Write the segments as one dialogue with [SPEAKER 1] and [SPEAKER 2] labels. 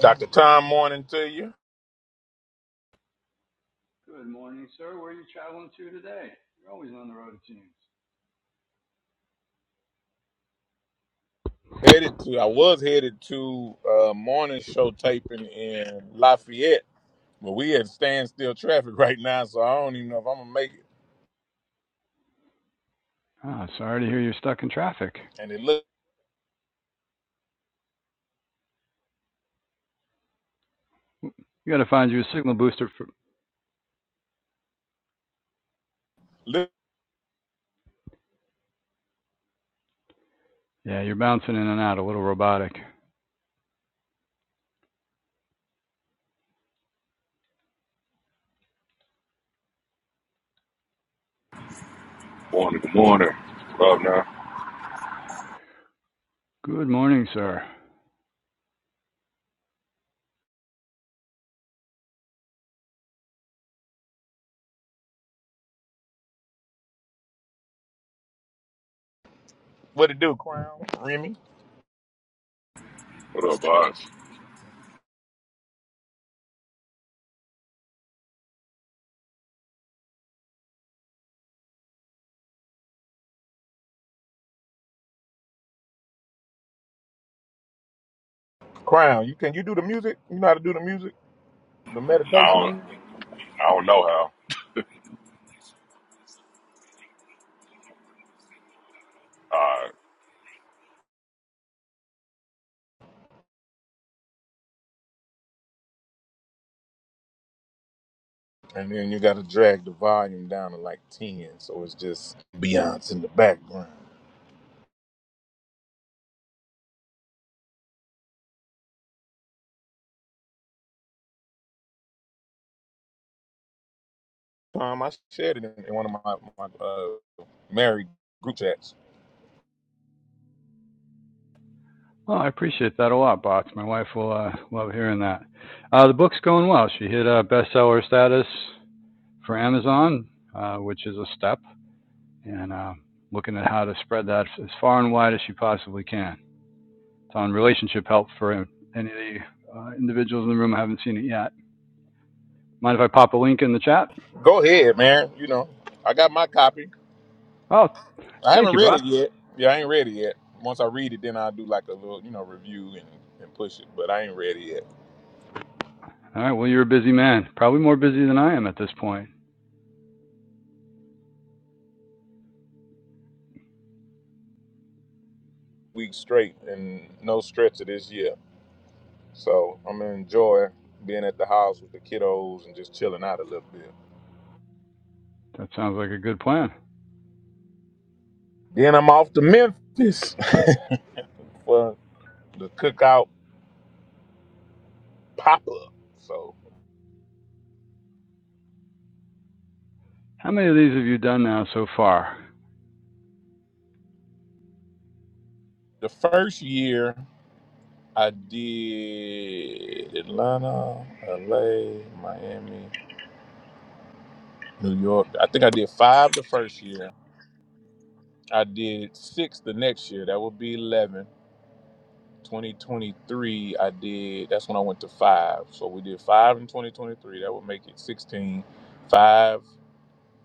[SPEAKER 1] Dr. Tom, morning to you.
[SPEAKER 2] Good morning, sir. Where are you traveling to today? You're always on the road, it seems.
[SPEAKER 1] Headed to, I was headed to uh, morning show taping in Lafayette, but we at standstill traffic right now, so I don't even know if I'm gonna make it.
[SPEAKER 2] Ah, sorry to hear you're stuck in traffic.
[SPEAKER 1] And it look,
[SPEAKER 2] You got to find you a signal booster for.
[SPEAKER 1] look
[SPEAKER 2] Yeah, you're bouncing in and out, a little robotic.
[SPEAKER 3] Morning, good morning. What up, now?
[SPEAKER 2] Good morning, sir.
[SPEAKER 1] what it do, Crown, Remy,
[SPEAKER 3] What up, boss?
[SPEAKER 1] Crown. You can you do the music? You know how to do the music, the
[SPEAKER 3] No, I
[SPEAKER 1] meditation
[SPEAKER 3] don't,
[SPEAKER 1] music.
[SPEAKER 3] I don't know how. Uh,
[SPEAKER 1] And then you got to drag the volume down to like ten, so it's just Beyonce in the background. Tom, I shared it in, in one of my my uh, married group chats.
[SPEAKER 2] Well, I appreciate that a lot, Bots. My wife will uh, love hearing that. Uh, the book's going well. She hit uh, bestseller status for Amazon, uh, which is a step, and uh, looking at how to spread that as far and wide as she possibly can. It's on relationship help for any of the uh, individuals in the room who haven't seen it yet Mind if I pop a link in the chat?
[SPEAKER 1] Go ahead, man. You know, I got my copy.
[SPEAKER 2] Oh,
[SPEAKER 1] I
[SPEAKER 2] thank
[SPEAKER 1] haven't
[SPEAKER 2] you,
[SPEAKER 1] read
[SPEAKER 2] Bob.
[SPEAKER 1] it yet. Yeah, I ain't read it yet. Once I read it, then I'll do like a little, you know, review and, and push it. But I ain't read it yet.
[SPEAKER 2] All right. Well, you're a busy man. Probably more busy than I am at this point.
[SPEAKER 1] Week straight and no stretch of this year. So I'm gonna enjoy being at the house with the kiddos and just chilling out a little bit.
[SPEAKER 2] That sounds like a good plan.
[SPEAKER 1] Then I'm off to Memphis for the cookout pop up. So
[SPEAKER 2] How many of these have you done now so far?
[SPEAKER 1] the first year I did Atlanta, LA, Miami, New York. I think I did five the first year. I did six the next year. That would be 11. 2023, I did, that's when I went to five. So we did five in 2023. That would make it 16. Five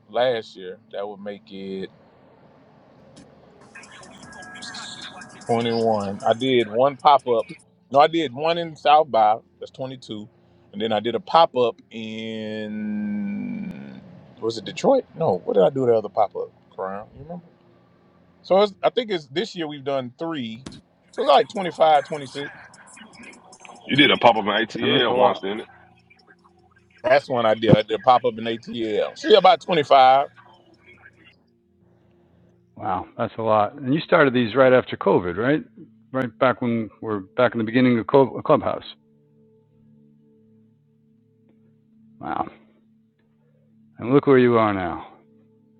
[SPEAKER 1] last year, that would make it 21. I did one pop up. No, I did one in South by. That's 22. And then I did a pop up in, was it Detroit? No, what did I do the other pop up? Crown, you remember? So it's, I think it's this year we've done three. So it's like 25, 26.
[SPEAKER 3] you did a pop up in
[SPEAKER 2] Tim, that's a
[SPEAKER 3] ATL once,
[SPEAKER 2] lot.
[SPEAKER 3] didn't it?
[SPEAKER 1] That's when I did. I did pop up in ATL. See, about 25.
[SPEAKER 2] Wow, that's a lot. And you started these right after COVID, right? Right back when we're back in the beginning of Clubhouse. Wow. And look where you are now.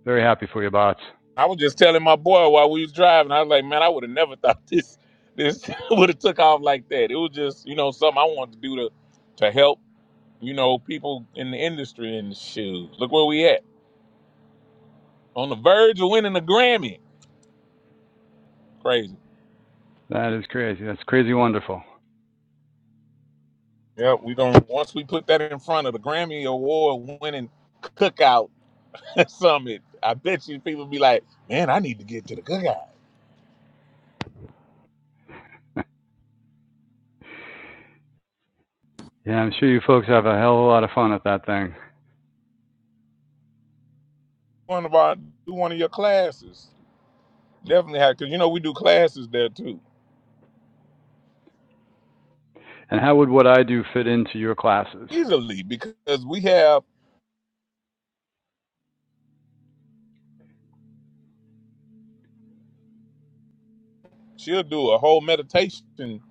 [SPEAKER 2] Very happy for you, bots.
[SPEAKER 1] I was just telling my boy while we was driving. I was like, man, I would have never thought this this would have took off like that. It was just, you know, something I wanted to do to to help, you know, people in the industry and shoes. Look where we at. On the verge of winning a Grammy. Crazy.
[SPEAKER 2] That is crazy. That's crazy wonderful.
[SPEAKER 1] Yeah, we gonna once we put that in front of the Grammy Award winning cookout summit. I bet you people be like, man, I need to get to the good guys.
[SPEAKER 2] Yeah, I'm sure you folks have a hell of a lot of fun at that thing.
[SPEAKER 1] One of our do one of your classes. Definitely have because you know we do classes there too.
[SPEAKER 2] And how would what I do fit into your classes?
[SPEAKER 1] Easily because we have she'll do a whole meditation.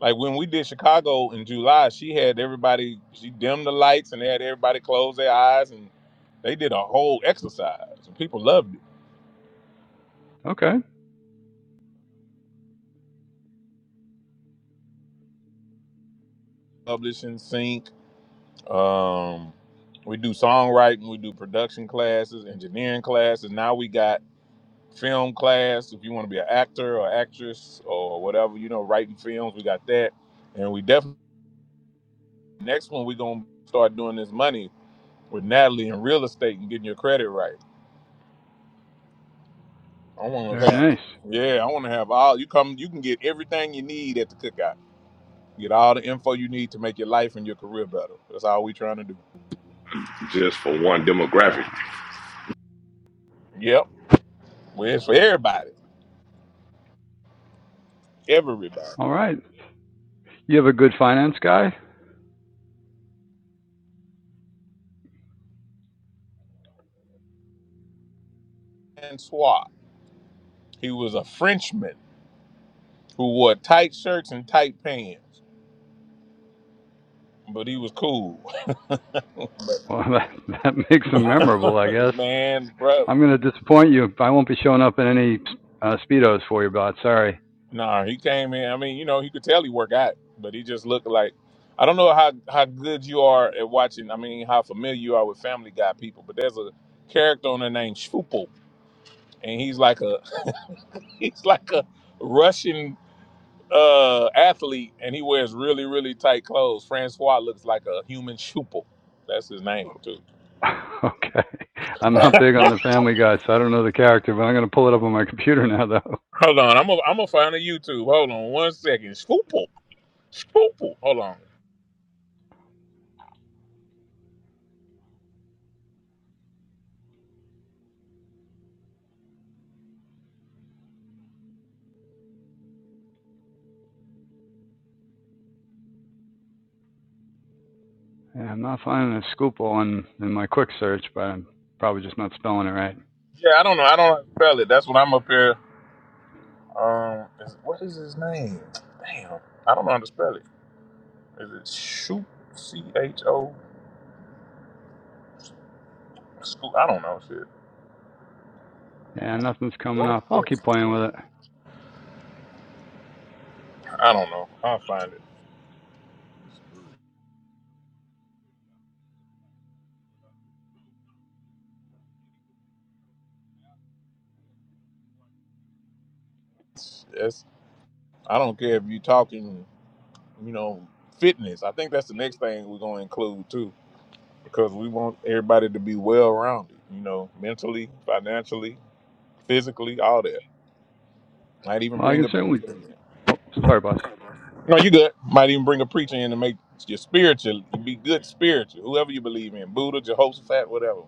[SPEAKER 1] Like when we did Chicago in July, she had everybody she dimmed the lights and had everybody close their eyes and they did a whole exercise and people loved it.
[SPEAKER 2] Okay,
[SPEAKER 1] Publishing sync. Um we do songwriting, we do production classes, engineering classes. Now we got film class if you want to be an actor or actress or whatever you know writing films we got that and we definitely next one we're gonna start doing this money with natalie and real estate and getting your credit right i want to
[SPEAKER 2] very
[SPEAKER 1] have
[SPEAKER 2] nice.
[SPEAKER 1] yeah i want to have all you come you can get everything you need at the cookout get all the info you need to make your life and your career better that's all we trying to do
[SPEAKER 3] Just for one demographic.
[SPEAKER 1] yep well it's for everybody everybody
[SPEAKER 2] All right. You have a good finance guy?
[SPEAKER 1] and swat he was a frenchman who wore tight shirts and tight pants but he was cool
[SPEAKER 2] Well, that, that makes him memorable, I guess.
[SPEAKER 1] man, bro.
[SPEAKER 2] I'm going to disappoint you. I won't be showing up in any uh, Speedos for you, bot. Sorry.
[SPEAKER 1] Nah, he came in. I mean, you know, he could tell he work out, but he just looked like I don't know how how good you are at watching. I mean, how familiar you are with Family Guy people, but there's a character on there named Shfupo, and he's like a he's like a Russian uh athlete, and he wears really really tight clothes. Francois looks like a human Shfupo. That's his name too.
[SPEAKER 2] okay. I'm not big on the family guy, so I don't know the character, but I'm going to pull it up on my computer now, though.
[SPEAKER 1] Hold on, I'm a, I'm gonna find a YouTube. Hold on one second. Shfupo, Shfupo. Hold on.
[SPEAKER 2] Yeah, I'm not finding a scoop on in my quick search, but I'm probably just not spelling it right.
[SPEAKER 1] Yeah, I don't know. I don't know how to spell it. That's what I'm up here. Um, is, what is his name? Damn, I don't know how to spell it. Is it Shoop? C H O? School? I don't know shit.
[SPEAKER 2] Yeah, nothing's coming
[SPEAKER 1] What
[SPEAKER 2] up. I'll
[SPEAKER 1] is-
[SPEAKER 2] keep playing with it.
[SPEAKER 1] I don't know. I'll find it. That's. I don't care if you're talking, you know, fitness. I think that's the next thing we're gonna include too, because we want everybody to be well rounded. You know, mentally, financially, physically, all that. Might even
[SPEAKER 2] Well, I
[SPEAKER 1] bring
[SPEAKER 2] can
[SPEAKER 1] a P
[SPEAKER 2] certainly.
[SPEAKER 1] T.
[SPEAKER 2] Oh, sorry, boss.
[SPEAKER 1] No, you good. Might even bring a preacher in to make your spiritual. be good spiritual. Whoever you believe in, Buddha, Jehoshaphat, whatever.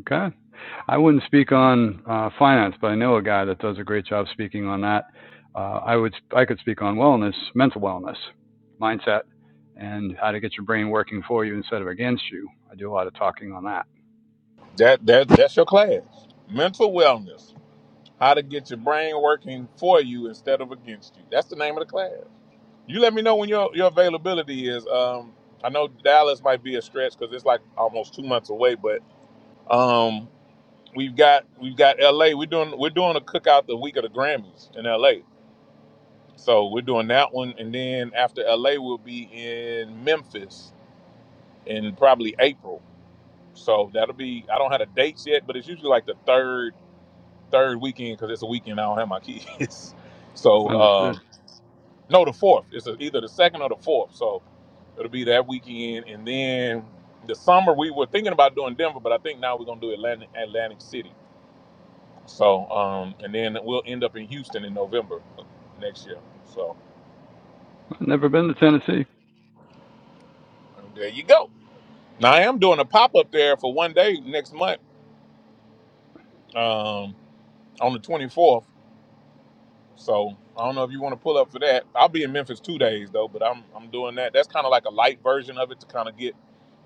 [SPEAKER 2] Okay. I wouldn't speak on uh, finance, but I know a guy that does a great job speaking on that. Uh, I would I could speak on wellness, mental wellness, mindset, and how to get your brain working for you instead of against you. I do a lot of talking on that.
[SPEAKER 1] That that that's your class. Mental wellness. How to get your brain working for you instead of against you. That's the name of the class. You let me know when your your availability is. Um, I know Dallas might be a stretch because it's like almost two months away, but um, we've got we've got L.A. We're doing we're doing a cookout the week of the Grammys in L.A. So we're doing that one, and then after LA, we'll be in Memphis in probably April. So that'll be. I don't have the dates yet, but it's usually like the third third weekend because it's a weekend I don't have my kids. So
[SPEAKER 2] Understood.
[SPEAKER 1] um, no, the fourth. It's a, either the second or the fourth. So it'll be that weekend, and then the summer we were thinking about doing Denver, but I think now we're gonna do Atlantic Atlantic City. So um, and then we'll end up in Houston in November next year. So
[SPEAKER 2] I've never been to Tennessee.
[SPEAKER 1] there you go. Now I am doing a pop up there for one day next month, um, on the 24th. So I don't know if you want to pull up for that. I'll be in Memphis two days though, but I'm I'm doing that. That's kind of like a light version of it to kind of get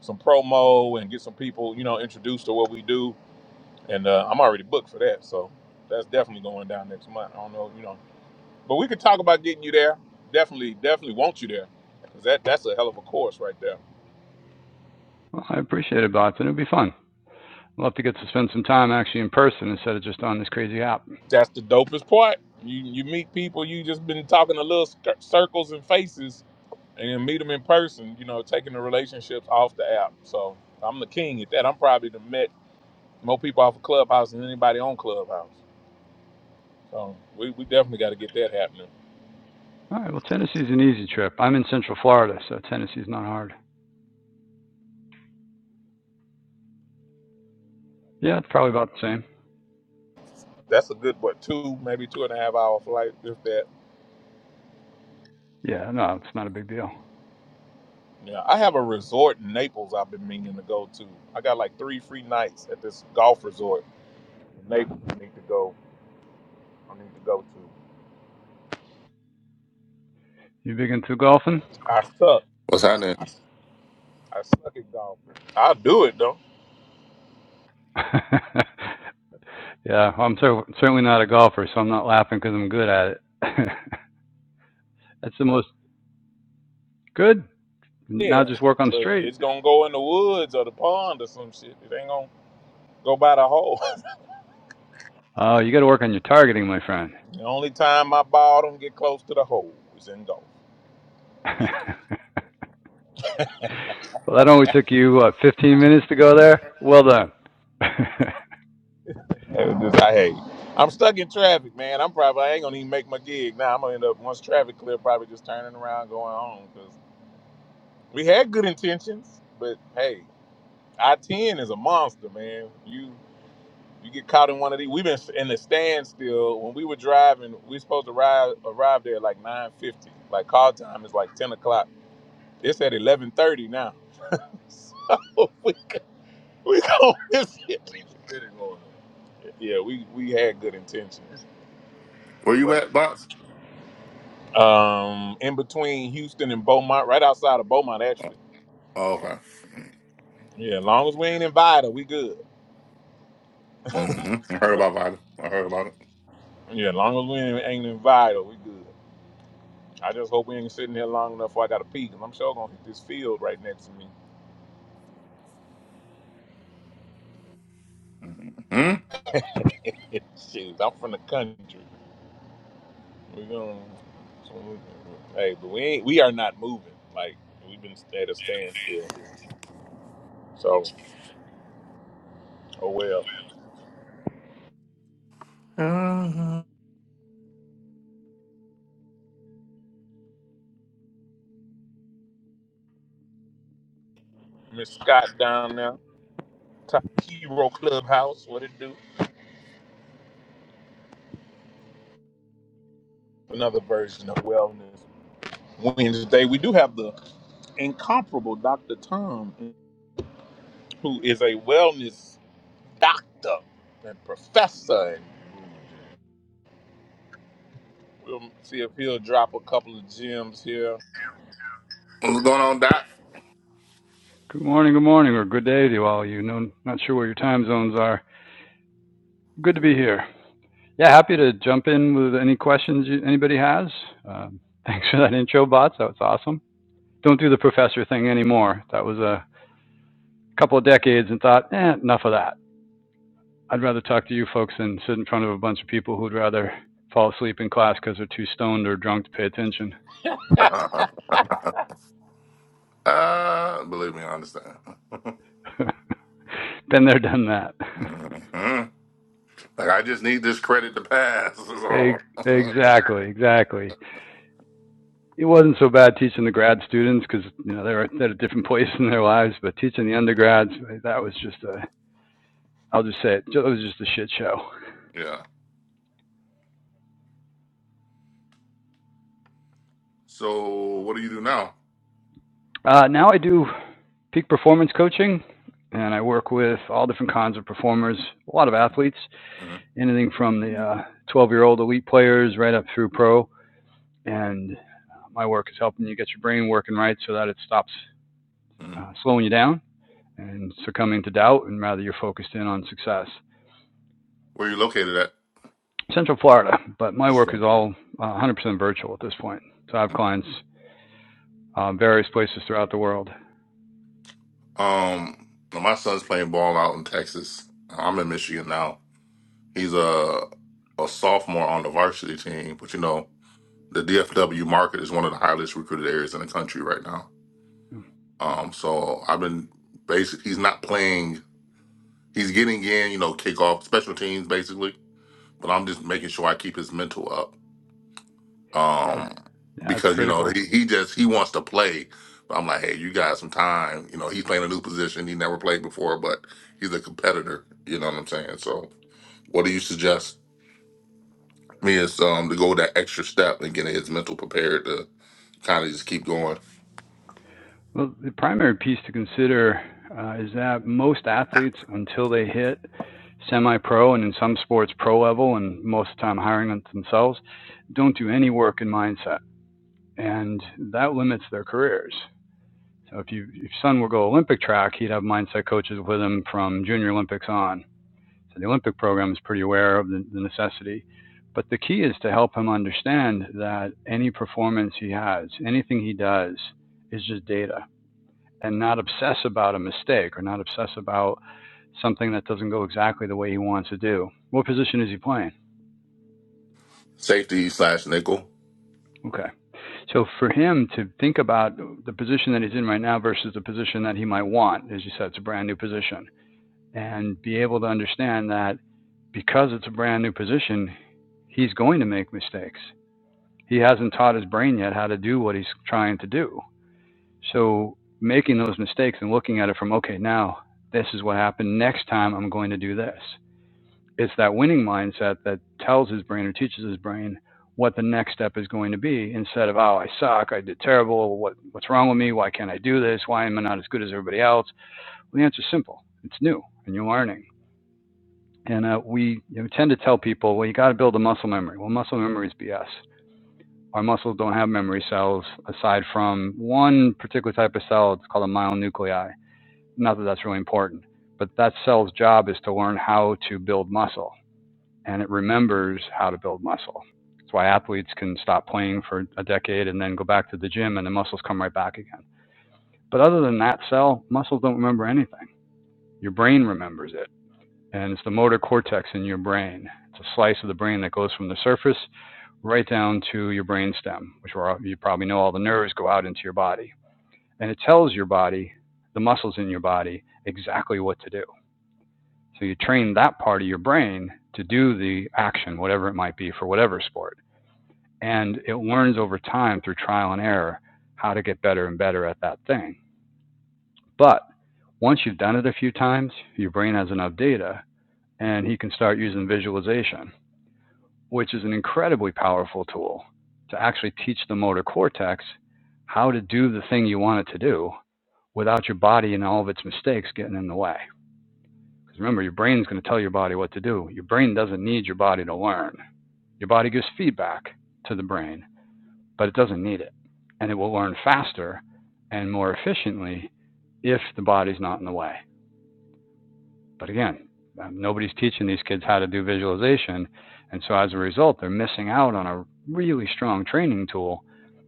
[SPEAKER 1] some promo and get some people, you know, introduced to what we do. And uh, I'm already booked for that, so that's definitely going down next month. I don't know, you know, but we could talk about getting you there. Definitely, definitely want you there because that that's a hell of a course right there.
[SPEAKER 2] Well, I appreciate it, Bots, and it'd be fun. I'll have to get to spend some time actually in person instead of just on this crazy app.
[SPEAKER 1] That's the dopest part. You you meet people you just been talking to little cir- circles and faces, and then meet them in person. You know, taking the relationships off the app. So I'm the king at that. I'm probably the met more people off of Clubhouse than anybody on Clubhouse. So we, we definitely got to get that happening.
[SPEAKER 2] All right. Well, Tennessee's an easy trip. I'm in Central Florida, so Tennessee's not hard. Yeah, it's probably about the same.
[SPEAKER 1] That's a good what two maybe two and a half hour flight if that.
[SPEAKER 2] Yeah, no, it's not a big deal.
[SPEAKER 1] Yeah, I have a resort in Naples I've been meaning to go to. I got like three free nights at this golf resort in Naples. I need to go. I need to go to.
[SPEAKER 2] You big into golfing?
[SPEAKER 1] I suck.
[SPEAKER 4] What's happening?
[SPEAKER 1] I suck at golf. I'll do it though.
[SPEAKER 2] yeah, I'm cer- certainly not a golfer, so I'm not laughing because I'm good at it. That's the most good. Now
[SPEAKER 1] Yeah,
[SPEAKER 2] just work on
[SPEAKER 1] but
[SPEAKER 2] straight.
[SPEAKER 1] it's gonna go in the woods or the pond or some shit. It ain't gonna go by the hole.
[SPEAKER 2] Oh, uh, you got to work on your targeting, my friend.
[SPEAKER 1] the only time my ball don't get close to the hole is in golf. Yeah,
[SPEAKER 2] well, that only took you what, 15 minutes to go there. Well done. good
[SPEAKER 1] It was just- I hate. I'm stuck in traffic, man. I'm probably I ain't gonna even make my gig now. I'm gonna end up once traffic clear, probably just turning around going home because we had good intentions, but hey, I ten is a monster, man. You You get caught in one of these. We've been in the standstill. When we were driving, we were supposed to arrive arrive there at like nine fifty. Like call time is like ten o'clock. It's at eleven thirty now. So we go- we gonna miss it. Yeah, we we had good intentions,
[SPEAKER 4] Where you at,
[SPEAKER 1] but
[SPEAKER 4] Box?
[SPEAKER 1] um, in between Houston and Beaumont, right outside of Beaumont, actually.
[SPEAKER 4] Oh, okay.
[SPEAKER 1] Yeah, as long as we ain't invited, we good.
[SPEAKER 4] hmm I heard about Vita. I heard about it.
[SPEAKER 1] Yeah, as long as we ain't, ain't invited, we good. I just hope we ain't sitting here long enough where I got to pee, 'cause I'm sure gonna hit this field right next to me.
[SPEAKER 4] Hmm?
[SPEAKER 1] Shoot, I'm from the country. We're gonna. so we- Hey, but we ain't, we are not moving. Like we've been at a standstill. So oh well.
[SPEAKER 4] Mhm.
[SPEAKER 1] Miss Scott down there, Top Hero Clubhouse. What it do? Another version of Wellness Wednesday. We do have the incomparable Dr. Tom, who is a wellness doctor and professor. We'll see if he'll drop a couple of gems here
[SPEAKER 4] What's going on, Doc?
[SPEAKER 2] morning, good morning, or good day to all of you. No, not sure where your time zones are. Good to be here. Yeah, happy to jump in with any questions you, anybody has. Um, thanks for that intro, bots. That was awesome. Don't do the professor thing anymore. That was a a couple of decades and thought, eh, enough of that. I'd rather talk to you folks than sit in front of a bunch of people who'd rather fall asleep in class because they're too stoned or drunk to pay attention.
[SPEAKER 4] uh, believe me, I understand. hmm
[SPEAKER 2] Been there, done that.
[SPEAKER 4] Like, I just need this credit to pass. Is all.
[SPEAKER 2] exactly, exactly. It wasn't so bad teaching the grad students because you know they were at a different place in their lives, but teaching the undergrads that was just a I'll just say it, it was just a shit show.
[SPEAKER 4] yeah. So, what do you do now?
[SPEAKER 2] Uh, now I do peak performance coaching, and I work with all different kinds of performers, a lot of athletes,
[SPEAKER 4] hmm
[SPEAKER 2] anything from the 12 year old elite players right up through pro. And my work is helping you get your brain working right so that it stops
[SPEAKER 4] hmm
[SPEAKER 2] uh, slowing you down and succumbing to doubt, and rather you're focused in on success.
[SPEAKER 4] Where you located at?
[SPEAKER 2] Central Florida, but my
[SPEAKER 4] Just-
[SPEAKER 2] work is all uh, 100% virtual at this point. So I have clients uh, various places throughout the world.
[SPEAKER 4] Um, my son's playing ball out in Texas. I'm in Michigan now. He's a a sophomore on the varsity team, but you know the DFW market is one of the highest recruited areas in the country right now. Um, so I've been basic. He's not playing. He's getting in, you know, kickoff special teams basically. But I'm just making sure I keep his mental up
[SPEAKER 2] Yeah,
[SPEAKER 4] um,
[SPEAKER 2] that's
[SPEAKER 4] because you know
[SPEAKER 2] critical.
[SPEAKER 4] he, he just he wants to play. But I'm like, hey, you got some time. You know, he's playing a new position he never played before, but he's a competitor. You know what I'm saying? So, what do you suggest? is um to go that extra step and get his mental prepared to kind of just keep going.
[SPEAKER 2] Well, the primary piece to consider uh, is that most athletes, until they hit semi pro and in some sports pro level, and most of the time hiring it themselves, don't do any work in mindset. And that limits their careers. So if, you, if Son will go Olympic track, he'd have mindset coaches with him from junior Olympics on. So the Olympic program is pretty aware of the, the necessity. But the key is to help him understand that any performance he has, anything he does, is just data and not obsess about a mistake or not obsess about something that doesn't go exactly the way he wants to do. What position is he playing?
[SPEAKER 4] Safety slash nickel.
[SPEAKER 2] Okay. So for him to think about the position that he's in right now versus the position that he might want, as you said, it's a brand new position, and be able to understand that because it's a brand new position, he's going to make mistakes. He hasn't taught his brain yet how to do what he's trying to do. So making those mistakes and looking at it from, okay, now this is what happened. Next time I'm going to do this. it's that winning mindset that tells his brain or teaches his brain what the next step is going to be instead of oh I suck I did terrible what what's wrong with me why can't I do this why am I not as good as everybody else well, the answer's simple it's new and you're learning and uh, we you know, tend to tell people well you got to build a muscle memory well muscle memory is BS our muscles don't have memory cells aside from one particular type of cell it's called a myonuclei not that that's really important but that cell's job is to learn how to build muscle and it remembers how to build muscle. That's why athletes can stop playing for a decade and then go back to the gym and the muscles come right back again. But other than that cell, muscles don't remember anything. Your brain remembers it. And it's the motor cortex in your brain. It's a slice of the brain that goes from the surface right down to your brainstem, which you probably know all the nerves go out into your body. And it tells your body, the muscles in your body, exactly what to do. So you train that part of your brain to do the action, whatever it might be, for whatever sport. and it learns over time through trial and error how to get better and better at that thing. But once you've done it a few times, your brain has enough data and he can start using visualization, which is an incredibly powerful tool to actually teach the motor cortex how to do the thing you want it to do without your body and all of its mistakes getting in the way. Because remember, your brain's going to tell your body what to do. Your brain doesn't need your body to learn. Your body gives feedback to the brain but it doesn't need it. And it will learn faster and more efficiently if the body's not in the way. But again, um, nobody's teaching these kids how to do visualization. And so as a result, they're missing out on a really strong training tool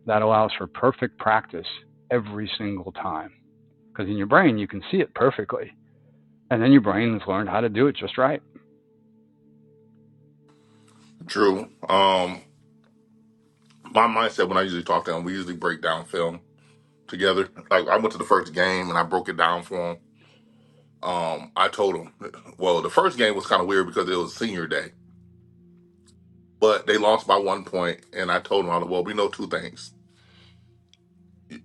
[SPEAKER 2] that allows for perfect practice every single time. Because in your brain, you can see it perfectly. And then your brain has learned how to do it just right.
[SPEAKER 4] Drew. Um my mindset when I usually talk to him, we usually break down film together. Like I went to the first game and I broke it down for him. Um I told him well the first game was kind of weird because it was senior day. But they lost by one point and I told him I was like, well we know two things. You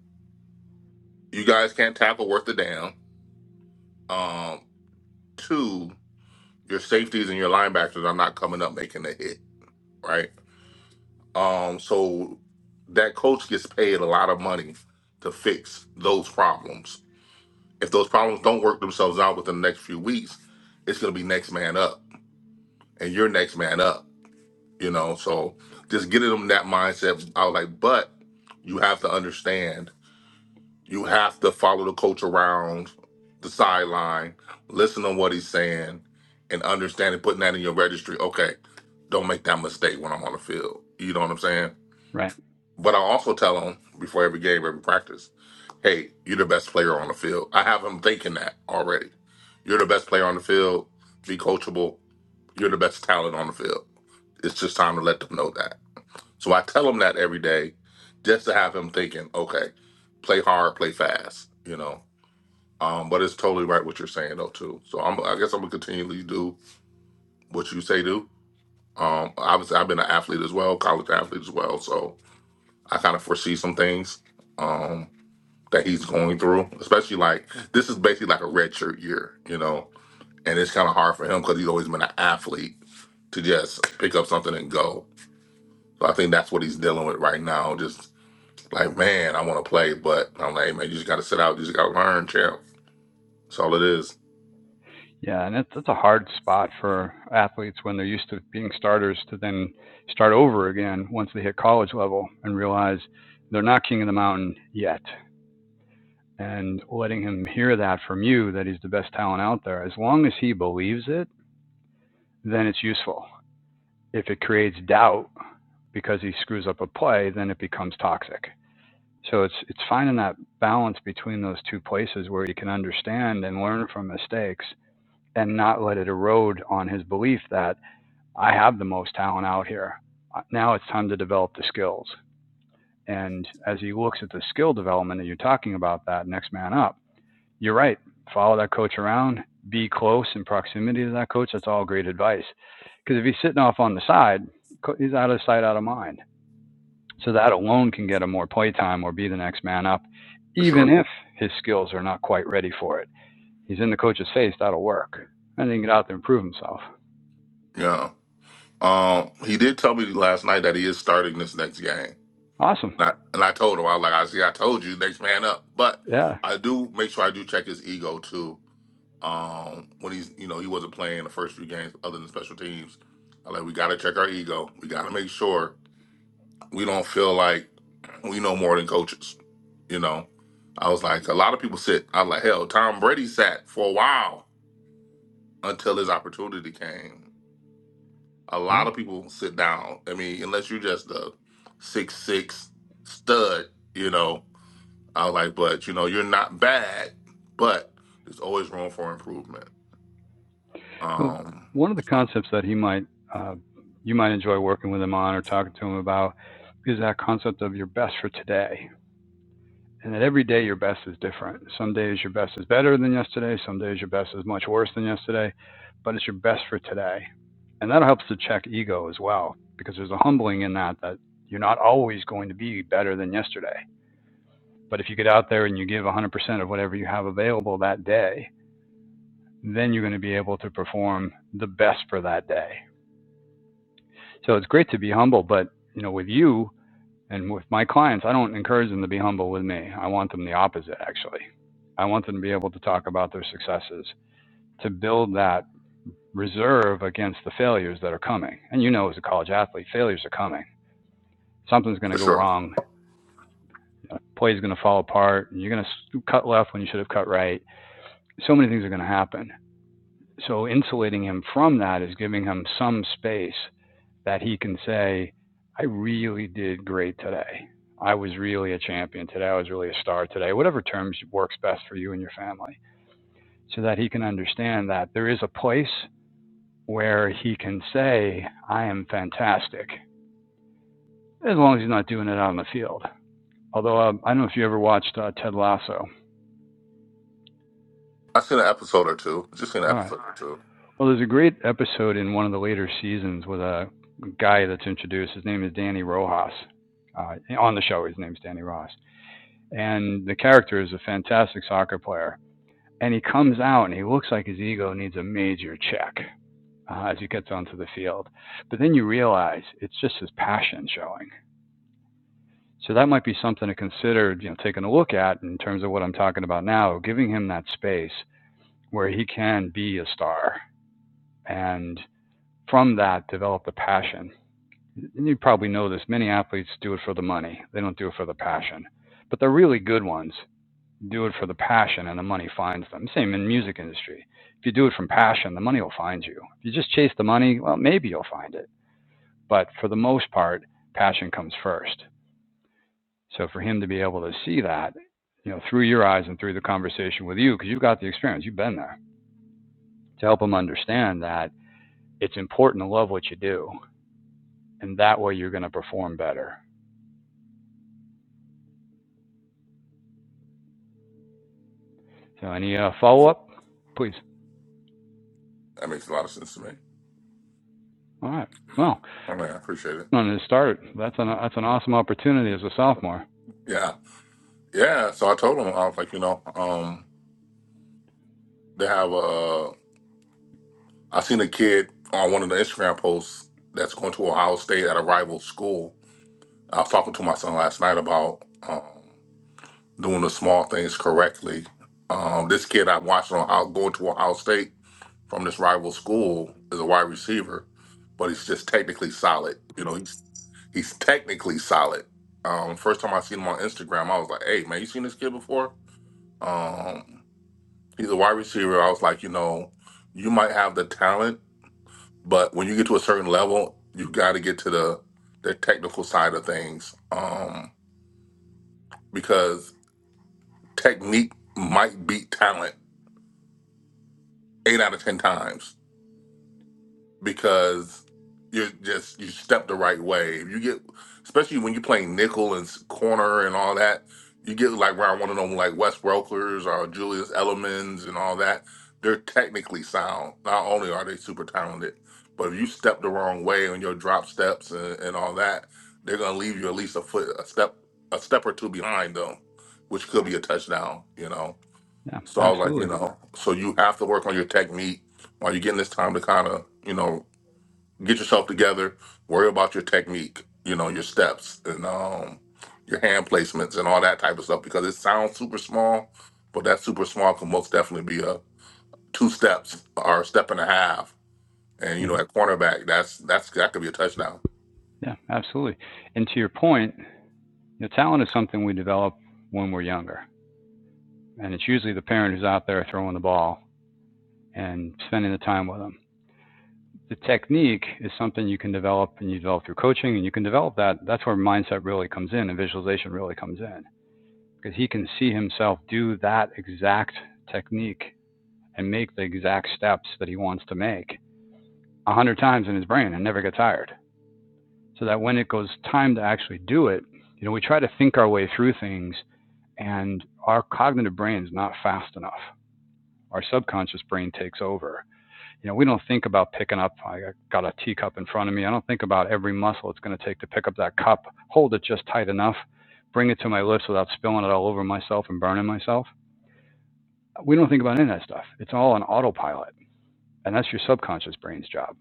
[SPEAKER 4] you guys can't tackle worth a damn. Um two, your safeties and your linebackers are not coming up making a hit, right? Um, so that coach gets paid a lot of money to fix those problems. If those problems don't work themselves out within the next few weeks, it's going to be next man up, and you're next man up. You know, so just getting them that mindset. I was like, but you have to understand, you have to follow the coach around the sideline, listen to what he's saying, and understand and putting that in your registry. Okay, don't make that mistake when I'm on the field. You know what I'm saying?
[SPEAKER 2] Right.
[SPEAKER 4] But I also tell him before every game, every practice, hey, you're the best player on the field. I have him thinking that already. You're the best player on the field. Be coachable. You're the best talent on the field. It's just time to let them know that. So I tell him that every day just to have him thinking, okay, play hard, play fast, you know. Um, but it's totally right what you're saying though too. So I'm, I guess I'm gonna continually do what you say do. Um, obviously I've been an athlete as well, college athlete as well. So I kind of foresee some things. Um. that he's going through, especially like this is basically like a red shirt year, you know, and it's kind of hard for him because he's always been an athlete to just pick up something and go. So I think that's what he's dealing with right now. Just like, man, I want to play, but I'm like, hey, man, you just got to sit out, you just got to learn, champ. That's all it is
[SPEAKER 2] Yeah, and it's it's a hard spot for athletes when they're used to being starters to then start over again once they hit college level and realize they're not king of the mountain yet. And letting him hear that from you that he's the best talent out there, as long as he believes it, then it's useful. If it creates doubt because he screws up a play, then it becomes toxic. So it's it's finding that balance between those two places where you can understand and learn from mistakes and not let it erode on his belief that I have the most talent out here. Uh, Now it's time to develop the skills. And as he looks at the skill development, and you're talking about that next man up, you're right. Follow that coach around, be close in proximity to that coach. That's all great advice. Because if he's sitting off on the side, he's out of sight, out of mind. So that alone can get him more playtime or be the next man up,
[SPEAKER 4] for
[SPEAKER 2] even
[SPEAKER 4] sure.
[SPEAKER 2] if his skills are not quite ready for it. He's in the coach's face, that'll work. And then he can get out there and prove himself.
[SPEAKER 4] Yeah. Um, he did tell me last night that he is starting this next game,
[SPEAKER 2] Awesome.
[SPEAKER 4] and I, and I told him I was like, I see, I told you, next man up, but
[SPEAKER 2] Yeah.
[SPEAKER 4] I do make sure I do check his ego too Um, when he's you know he wasn't playing the first few games other than special teams. I like we got to check our ego. We got to make sure we don't feel like we know more than coaches. You know, I was
[SPEAKER 2] Yeah.
[SPEAKER 4] like a lot of people sit. I was like hell. Tom Brady sat for a while until his opportunity came. A lot
[SPEAKER 2] Yeah.
[SPEAKER 4] of people sit down. I mean, unless you're just a six six stud, you know. I was like, but you know, you're not bad, but there's always room for improvement.
[SPEAKER 2] Well,
[SPEAKER 4] Um,
[SPEAKER 2] one of the
[SPEAKER 4] so,
[SPEAKER 2] concepts that he might uh, you might enjoy working with him on or talking to him about is that concept of your best for today. And that every day your best is different. Some days your best is better than yesterday. Some days your best is much worse than yesterday. But it's your best for today, and that helps to check ego as well because there's a humbling in that that you're not always going to be better than yesterday. But if you get out there and you give 100% of whatever you have available that day, then you're going to be able to perform the best for that day. So it's great to be humble, but you know, with you and with my clients, I don't encourage them to be humble with me. I want them the opposite, actually. I want them to be able to talk about their successes, to build that reserve against the failures that are coming. And you know, as a college athlete, failures are coming. Something's going
[SPEAKER 4] for
[SPEAKER 2] to go
[SPEAKER 4] sure.
[SPEAKER 2] wrong. A play's going to fall apart. And you're going to cut left when you should have cut right. So many things are going to happen. So insulating him from that is giving him some space that he can say, I really did great today. I was really a champion today. I was really a star today. Whatever terms works best for you and your family, so that he can understand that there is a place where he can say, I am fantastic, as long as he's not doing it out on the field. Although uh, I don't know if you ever watched uh, Ted Lasso.
[SPEAKER 4] I seen an episode or two. Just seen an
[SPEAKER 2] All right.
[SPEAKER 4] episode or two.
[SPEAKER 2] Well, there's a great episode in one of the later seasons with a guy that's introduced. His name is Danny Rojas. Uh, on the show, his name's Danny Rojas and the character is a fantastic soccer player. And he comes out and he looks like his ego needs a major check uh, as he gets onto the field. But then you realize it's just his passion showing. So that might be something to consider, you know, taking a look at in terms of what I'm talking about now, giving him that space where he can be a star and from that develop the passion. And you probably know this, many athletes do it for the money. They don't do it for the passion. But the really good ones do it for the passion and the money finds them. Same in music industry. If you do it from passion, the money will find you. If you just chase the money, well, maybe you'll find it. But for the most part, passion comes first. So for him to be able to see that, you know, through your eyes and through the conversation with you, because you've got the experience, you've been there, to help him understand that it's important to love what you do, and that way you're going to perform better. So any uh, follow up, please?
[SPEAKER 4] That makes a lot of sense to me.
[SPEAKER 2] All right. Well,
[SPEAKER 4] I mean, I appreciate it.
[SPEAKER 2] I'm going to start, that's an that's an awesome opportunity as a sophomore.
[SPEAKER 4] Yeah, yeah. So I told him I was like, you know, um, they have a. I seen a kid on one of the Instagram posts that's going to Ohio State at a rival school. I was talking to my son last night about um, doing the small things correctly. Um, this kid I watched on Ohio, going to Ohio State. from this rival school as a wide receiver, but he's just technically solid. You know, he's he's technically solid. Um, first time I seen him on Instagram, I was like, "Hey, man, you seen this kid before?" Um, he's a wide receiver. I was like, you know, you might have the talent, but when you get to a certain level, you got to get to the the technical side of things um, because technique might beat talent eight out of ten times because you're just you step the right way. If you get, especially when you're playing nickel and s- corner and all that, you get like around one of them like Wes Welkers or Julius Elemans and all that. They're technically sound. Not only are they super talented, but if you step the wrong way on your drop steps and, and all that, they're gonna leave you at least a foot, a step, a step or two behind them, which could be a touchdown. You know.
[SPEAKER 2] Yeah,
[SPEAKER 4] So I was like,
[SPEAKER 2] absolutely.
[SPEAKER 4] you know, so you have to work on your technique while you're getting this time to kind of, you know, get yourself together, worry about your technique, you know, your steps and um your hand placements and all that type of stuff because it sounds super small, but that super small can most definitely be a two steps or a step and a half. And you know,
[SPEAKER 2] hmm
[SPEAKER 4] at cornerback, that's that's that could be a touchdown.
[SPEAKER 2] Yeah, absolutely. And to your point, you know, talent is something we develop when we're younger, and it's usually the parent who's out there throwing the ball and spending the time with them. The technique is something you can develop and you develop through coaching, and you can develop that. That's where mindset really comes in and visualization really comes in because he can see himself do that exact technique and make the exact steps that he wants to make a hundred times in his brain and never get tired. so that when it goes time to actually do it, you know, we try to think our way through things and our cognitive brain is not fast enough. Our subconscious brain takes over. You know, we don't think about picking up, I got a teacup in front of me. I don't think about every muscle it's going to take to pick up that cup, hold it just tight enough, bring it to my lips without spilling it all over myself and burning myself. We don't think about any of that stuff. It's all on autopilot. And that's your subconscious brain's job.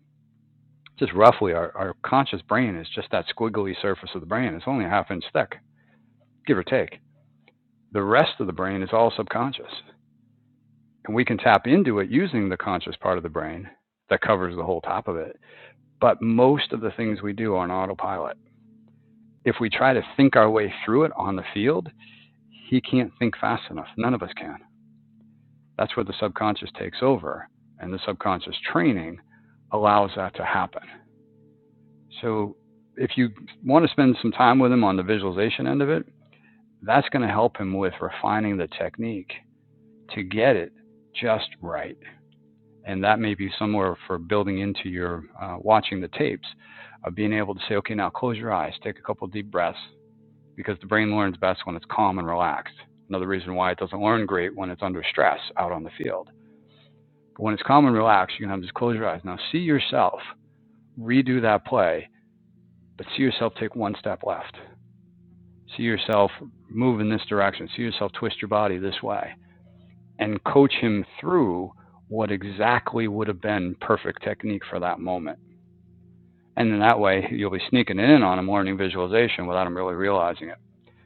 [SPEAKER 2] Just roughly, our, our conscious brain is just that squiggly surface of the brain. It's only a half inch thick. give or take. The rest of the brain is all subconscious. And we can tap into it using the conscious part of the brain that covers the whole top of it. But most of the things we do are on autopilot. If we try to think our way through it on the field, he can't think fast enough. None of us can. That's where the subconscious takes over. And the subconscious training allows that to happen. So if you want to spend some time with him on the visualization end of it, that's going to help him with refining the technique to get it just right. And that may be somewhere for building into your uh, watching the tapes of being able to say, okay, now close your eyes, take a couple deep breaths, because the brain learns best when it's calm and relaxed. Another reason why it doesn't learn great when it's under stress out on the field. But when it's calm and relaxed, you can have just close your eyes. Now see yourself redo that play, but see yourself take one step left. See yourself move in this direction. See yourself twist your body this way. and coach him through what exactly would have been perfect technique for that moment. And in that way, you'll be sneaking in on him learning visualization without him really realizing it.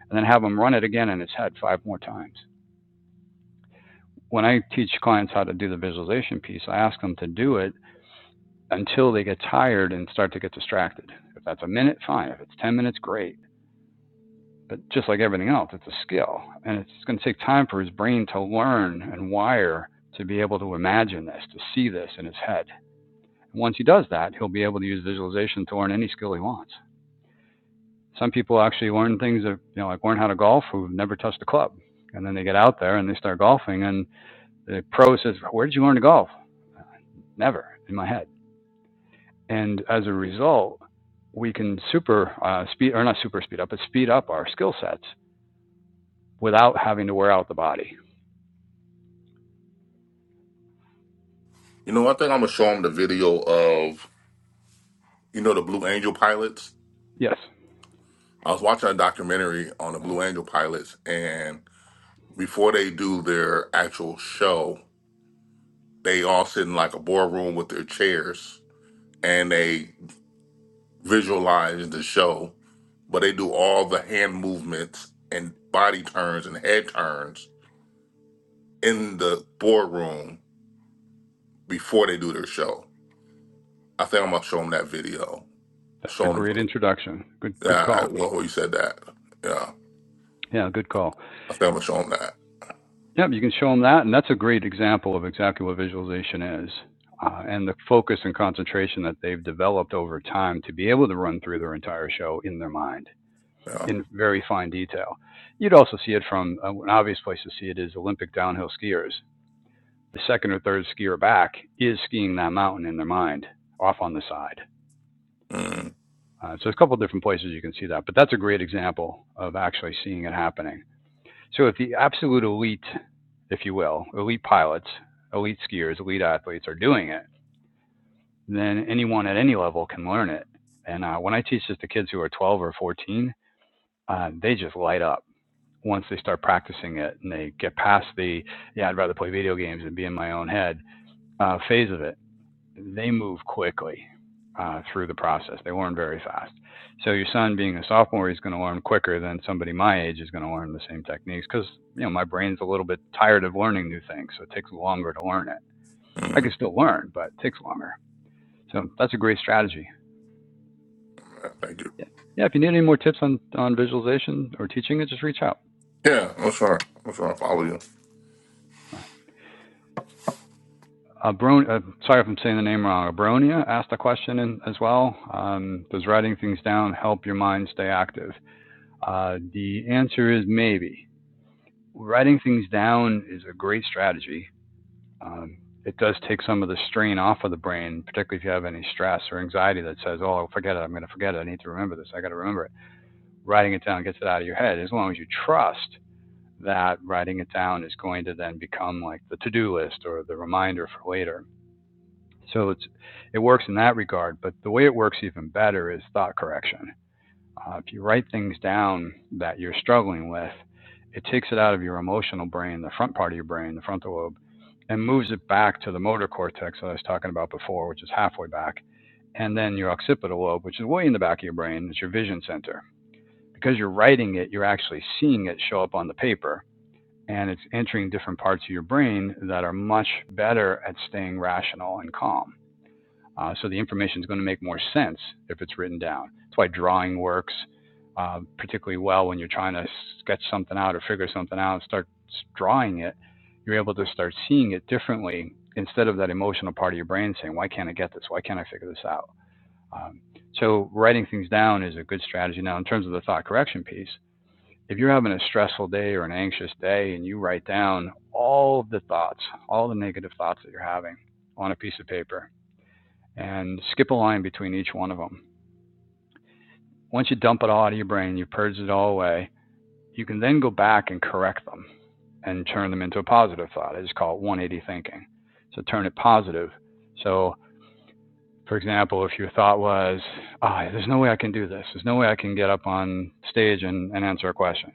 [SPEAKER 2] And then have him run it again in his head five more times. When I teach clients how to do the visualization piece, I ask them to do it until they get tired and start to get distracted. If that's a minute, fine. If it's 10 minutes, great. But just like everything else, it's a skill. And it's going to take time for his brain to learn and wire to be able to imagine this, to see this in his head. And once he does that, he'll be able to use visualization to learn any skill he wants. Some people actually learn things that, you know, like learn how to golf who've never touched a club. And then they get out there and they start golfing. And the pro says, Where did you learn to golf? Never in my head. And as a result, we can super uh, speed, or not super speed up, but speed up our skill sets without having to wear out the body.
[SPEAKER 4] You know, one thing I'm gonna show them the video of you know the Blue Angel pilots.
[SPEAKER 2] Yes,
[SPEAKER 4] I was watching a documentary on the Blue Angel pilots, and before they do their actual show, they all sit in like a boardroom with their chairs and they visualize the show, but they do all the hand movements and body turns and head turns in the boardroom before they do their show. I think I'm gonna show them that video.
[SPEAKER 2] that's a
[SPEAKER 4] Show them,
[SPEAKER 2] great introduction. Good, good
[SPEAKER 4] yeah. I-
[SPEAKER 2] call.
[SPEAKER 4] Well, well, you said that, yeah.
[SPEAKER 2] Yeah, good call.
[SPEAKER 4] I think I'm gonna show them that,
[SPEAKER 2] Yep, you can show them that, and that's a great example of exactly what visualization is, uh, and the focus and concentration that they've developed over time to be able to run through their entire show in their mind
[SPEAKER 4] yeah.
[SPEAKER 2] in very fine detail. You'd also see it from uh, an obvious place to see it is Olympic downhill skiers. The second or third skier back is skiing that mountain in their mind off on the side.
[SPEAKER 4] mm
[SPEAKER 2] Uh, so, there's a couple of different places you can see that, but that's a great example of actually seeing it happening So if the absolute elite, if you will, elite pilots, elite skiers, elite athletes are doing it, then anyone at any level can learn it. And uh, when I teach this to kids who are 12 or 14, uh, they just light up once they start practicing it and they get past the, yeah, I'd rather play video games than be in my own head uh, phase of it they move quickly uh, through the process. They learn very fast. So your son, being a sophomore, is going to learn quicker than somebody my age is going to learn the same techniques because you know my brain's a little bit tired of learning new things, so it takes longer to learn it. I can
[SPEAKER 4] mm.
[SPEAKER 2] still learn, but it takes longer. So that's a great strategy.
[SPEAKER 4] Yeah, Thank you.
[SPEAKER 2] Yeah, yeah. If you need any more tips on on visualization or teaching it, just reach out.
[SPEAKER 4] Yeah, I'm sure. I'm sure I follow you.
[SPEAKER 2] Uh, Bron- uh, sorry if I'm saying the name wrong. Abronia asked a question in, as well. Um, does writing things down help your mind stay active? Uh, the answer is maybe. Writing things down is a great strategy. Um, it does take some of the strain off of the brain, particularly if you have any stress or anxiety that says, oh, forget it, I'm going to forget it, I need to remember this, I got to remember it. Writing it down gets it out of your head as long as you trust that writing it down is going to then become like the to do list or the reminder for later. So it's, it works in that regard, but the way it works even better is thought correction. Uh, if you write things down that you're struggling with, it takes it out of your emotional brain, the front part of your brain, the frontal lobe, and moves it back to the motor cortex that I was talking about before, which is halfway back, and then your occipital lobe, which is way in the back of your brain, it's your vision center. Because you're writing it, you're actually seeing it show up on the paper, and it's entering different parts of your brain that are much better at staying rational and calm. Uh, so the information is going to make more sense if it's written down. That's why drawing works uh, particularly well when you're trying to sketch something out or figure something out and start drawing it. You're able to start seeing it differently instead of that emotional part of your brain saying, "Why can't I get this? Why can't I figure this out?" Um, so writing things down is a good strategy. Now, in terms of the thought correction piece, if you're having a stressful day or an anxious day and you write down all of the thoughts, all the negative thoughts that you're having on a piece of paper, and skip a line between each one of them. Once you dump it all out of your brain, you purge it all away, you can then go back and correct them and turn them into a positive thought. I just call it 180 thinking. So turn it positive. So, for example, if your thought was, oh, there's no way I can do this, there's no way I can get up on stage and, and answer a question.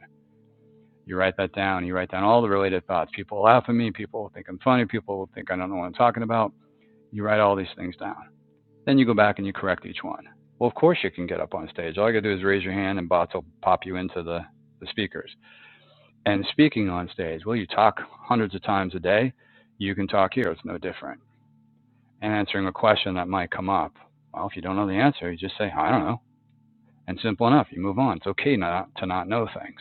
[SPEAKER 2] You write that down. You write down all the related thoughts. People laugh at me. People think I'm funny. People think I don't know what I'm talking about. You write all these things down. Then you go back and you correct each one. Well, of course you can get up on stage. All you gotta do is raise your hand and bots will pop you into the, the speakers. And speaking on stage, well, you talk hundreds of times a day. You can talk here. It's no different. And answering a question that might come up. Well, if you don't know the answer, you just say, I don't know. And simple enough, you move on. It's okay not to not know things.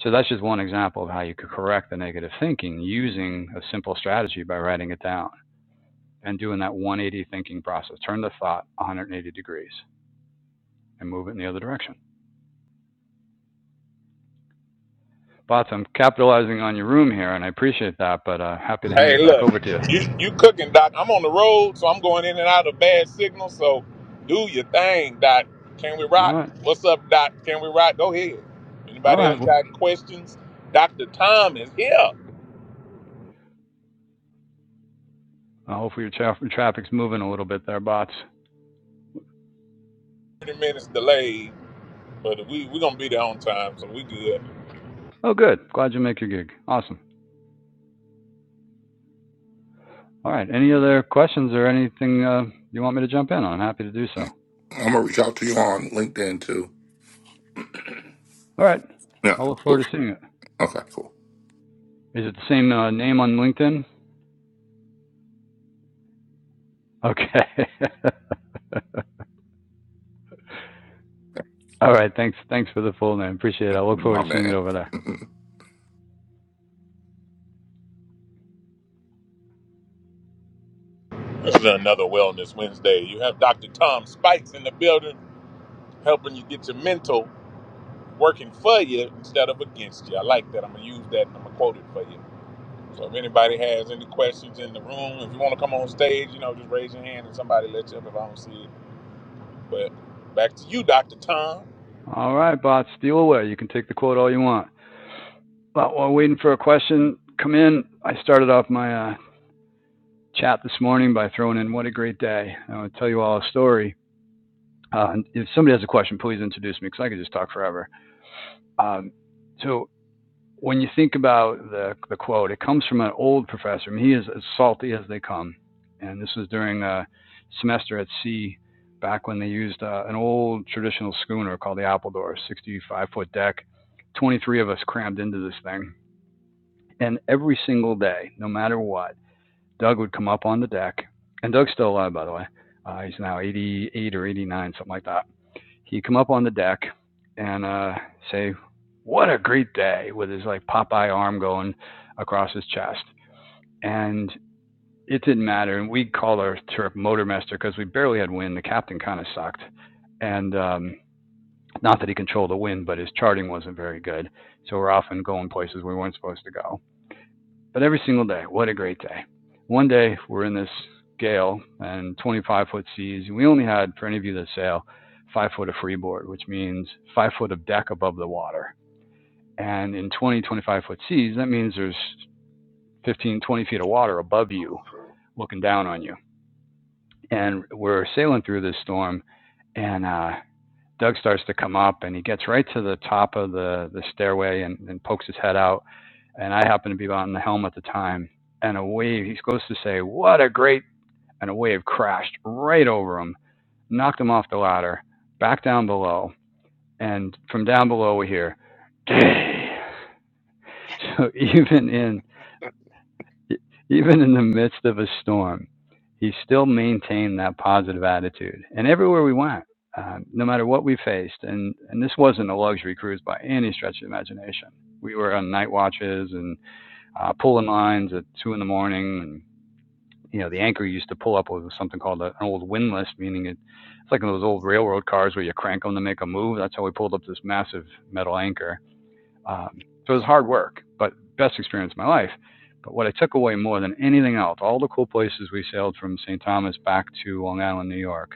[SPEAKER 2] So that's just one example of how you could correct the negative thinking using a simple strategy by writing it down and doing that 180 thinking process. Turn the thought 180 degrees. and move it in the other direction. Bots, I'm capitalizing on your room here, and I appreciate that, but uh, happy to hand
[SPEAKER 1] Hey,
[SPEAKER 2] it back
[SPEAKER 1] look,
[SPEAKER 2] over to you.
[SPEAKER 1] you you cooking, Doc. I'm on the road, so I'm going in and out of bad signal. So do your thing, Doc. Can we
[SPEAKER 2] All
[SPEAKER 1] rock?
[SPEAKER 2] right.
[SPEAKER 1] What's up, Doc? Can we rock? Go ahead.
[SPEAKER 2] All
[SPEAKER 1] Anybody
[SPEAKER 2] right.
[SPEAKER 1] else
[SPEAKER 2] Well,
[SPEAKER 1] got questions? Dr. Tom is here.
[SPEAKER 2] well, hopefully your tra- traffic's moving a little bit there, bots.
[SPEAKER 1] 30 minutes delayed, but we, we're going to be there on time, so we good.
[SPEAKER 2] Oh, good. Glad you make your gig. Awesome. All right. Any other questions or anything uh, you want me to jump in on? Happy to do so.
[SPEAKER 4] I'm gonna reach out to you on LinkedIn too.
[SPEAKER 2] All right.
[SPEAKER 4] Yeah.
[SPEAKER 2] I'll look
[SPEAKER 4] Cool.
[SPEAKER 2] forward to seeing it.
[SPEAKER 4] Okay. Cool.
[SPEAKER 2] Is it the same uh, name on LinkedIn? Okay. All right. Thanks. Thanks for the full name. Appreciate it. I look
[SPEAKER 4] My
[SPEAKER 2] forward to seeing it
[SPEAKER 4] man.
[SPEAKER 2] over there.
[SPEAKER 1] This is another Wellness Wednesday. You have Dr. Tom Spikes in the building helping you get your mental working for you instead of against you. I like that. I'm going to use that and I'm going to quote it for you. So if anybody has any questions in the room, if you want to come on stage, you know, just raise your hand and somebody let you up if I don't see it. But back to you, Dr. Tom.
[SPEAKER 2] All right, bots. Steal away. You can take the quote all you want. But while waiting for a question come in, I started off my uh, chat this morning by throwing in "What a great day." I want to tell you all a story. Uh, if somebody has a question, please introduce me because I could just talk forever. Um, so when you think about the the quote, it comes from an old professor. I mean, he is as salty as they come, and this was during a semester at sea back when they used uh, an old traditional schooner called the Appledore, 65 foot deck. 23 of us crammed into this thing And every single day, no matter what, Doug would come up on the deck. And Doug's still alive, by the way. Uh, he's now 88 or 89, something like that. He'd come up on the deck and uh, say, What a great day, with his like Popeye arm going across his chest. And it didn't matter. And we called our trip Motormaster because we barely had wind. The captain kind of sucked. And um, not that he controlled the wind, but his charting wasn't very good. So we're often going places we weren't supposed to go. But every single day, what a great day. One day we're in this gale and 25 foot seas. and We only had, for any of you that sail, five foot of freeboard, which means five foot of deck above the water. And in 20, 25 foot seas, that means there's 15, 20 feet of water above you looking down on you. And we're sailing through this storm, and uh, Doug starts to come up, and he gets right to the top of the, the stairway and, and pokes his head out and I happened to be on the helm at the time. And a wave, he's supposed to say, What a great! And a wave crashed right over him, knocked him off the ladder, back down below. And from down below, we hear, So even in even in the midst of a storm, he still maintained that positive attitude. And everywhere we went, uh, no matter what we faced, and, and this wasn't a luxury cruise by any stretch of the imagination. We were on night watches and uh, pulling lines at two in the morning. And you know, the anchor used to pull up with something called an old windlass, meaning it, it's like those old railroad cars where you crank them to make a move. That's how we pulled up this massive metal anchor. Um, so it was hard work, but best experience of my life. But what I took away more than anything else, all the cool places we sailed from St. Thomas back to Long Island, New York,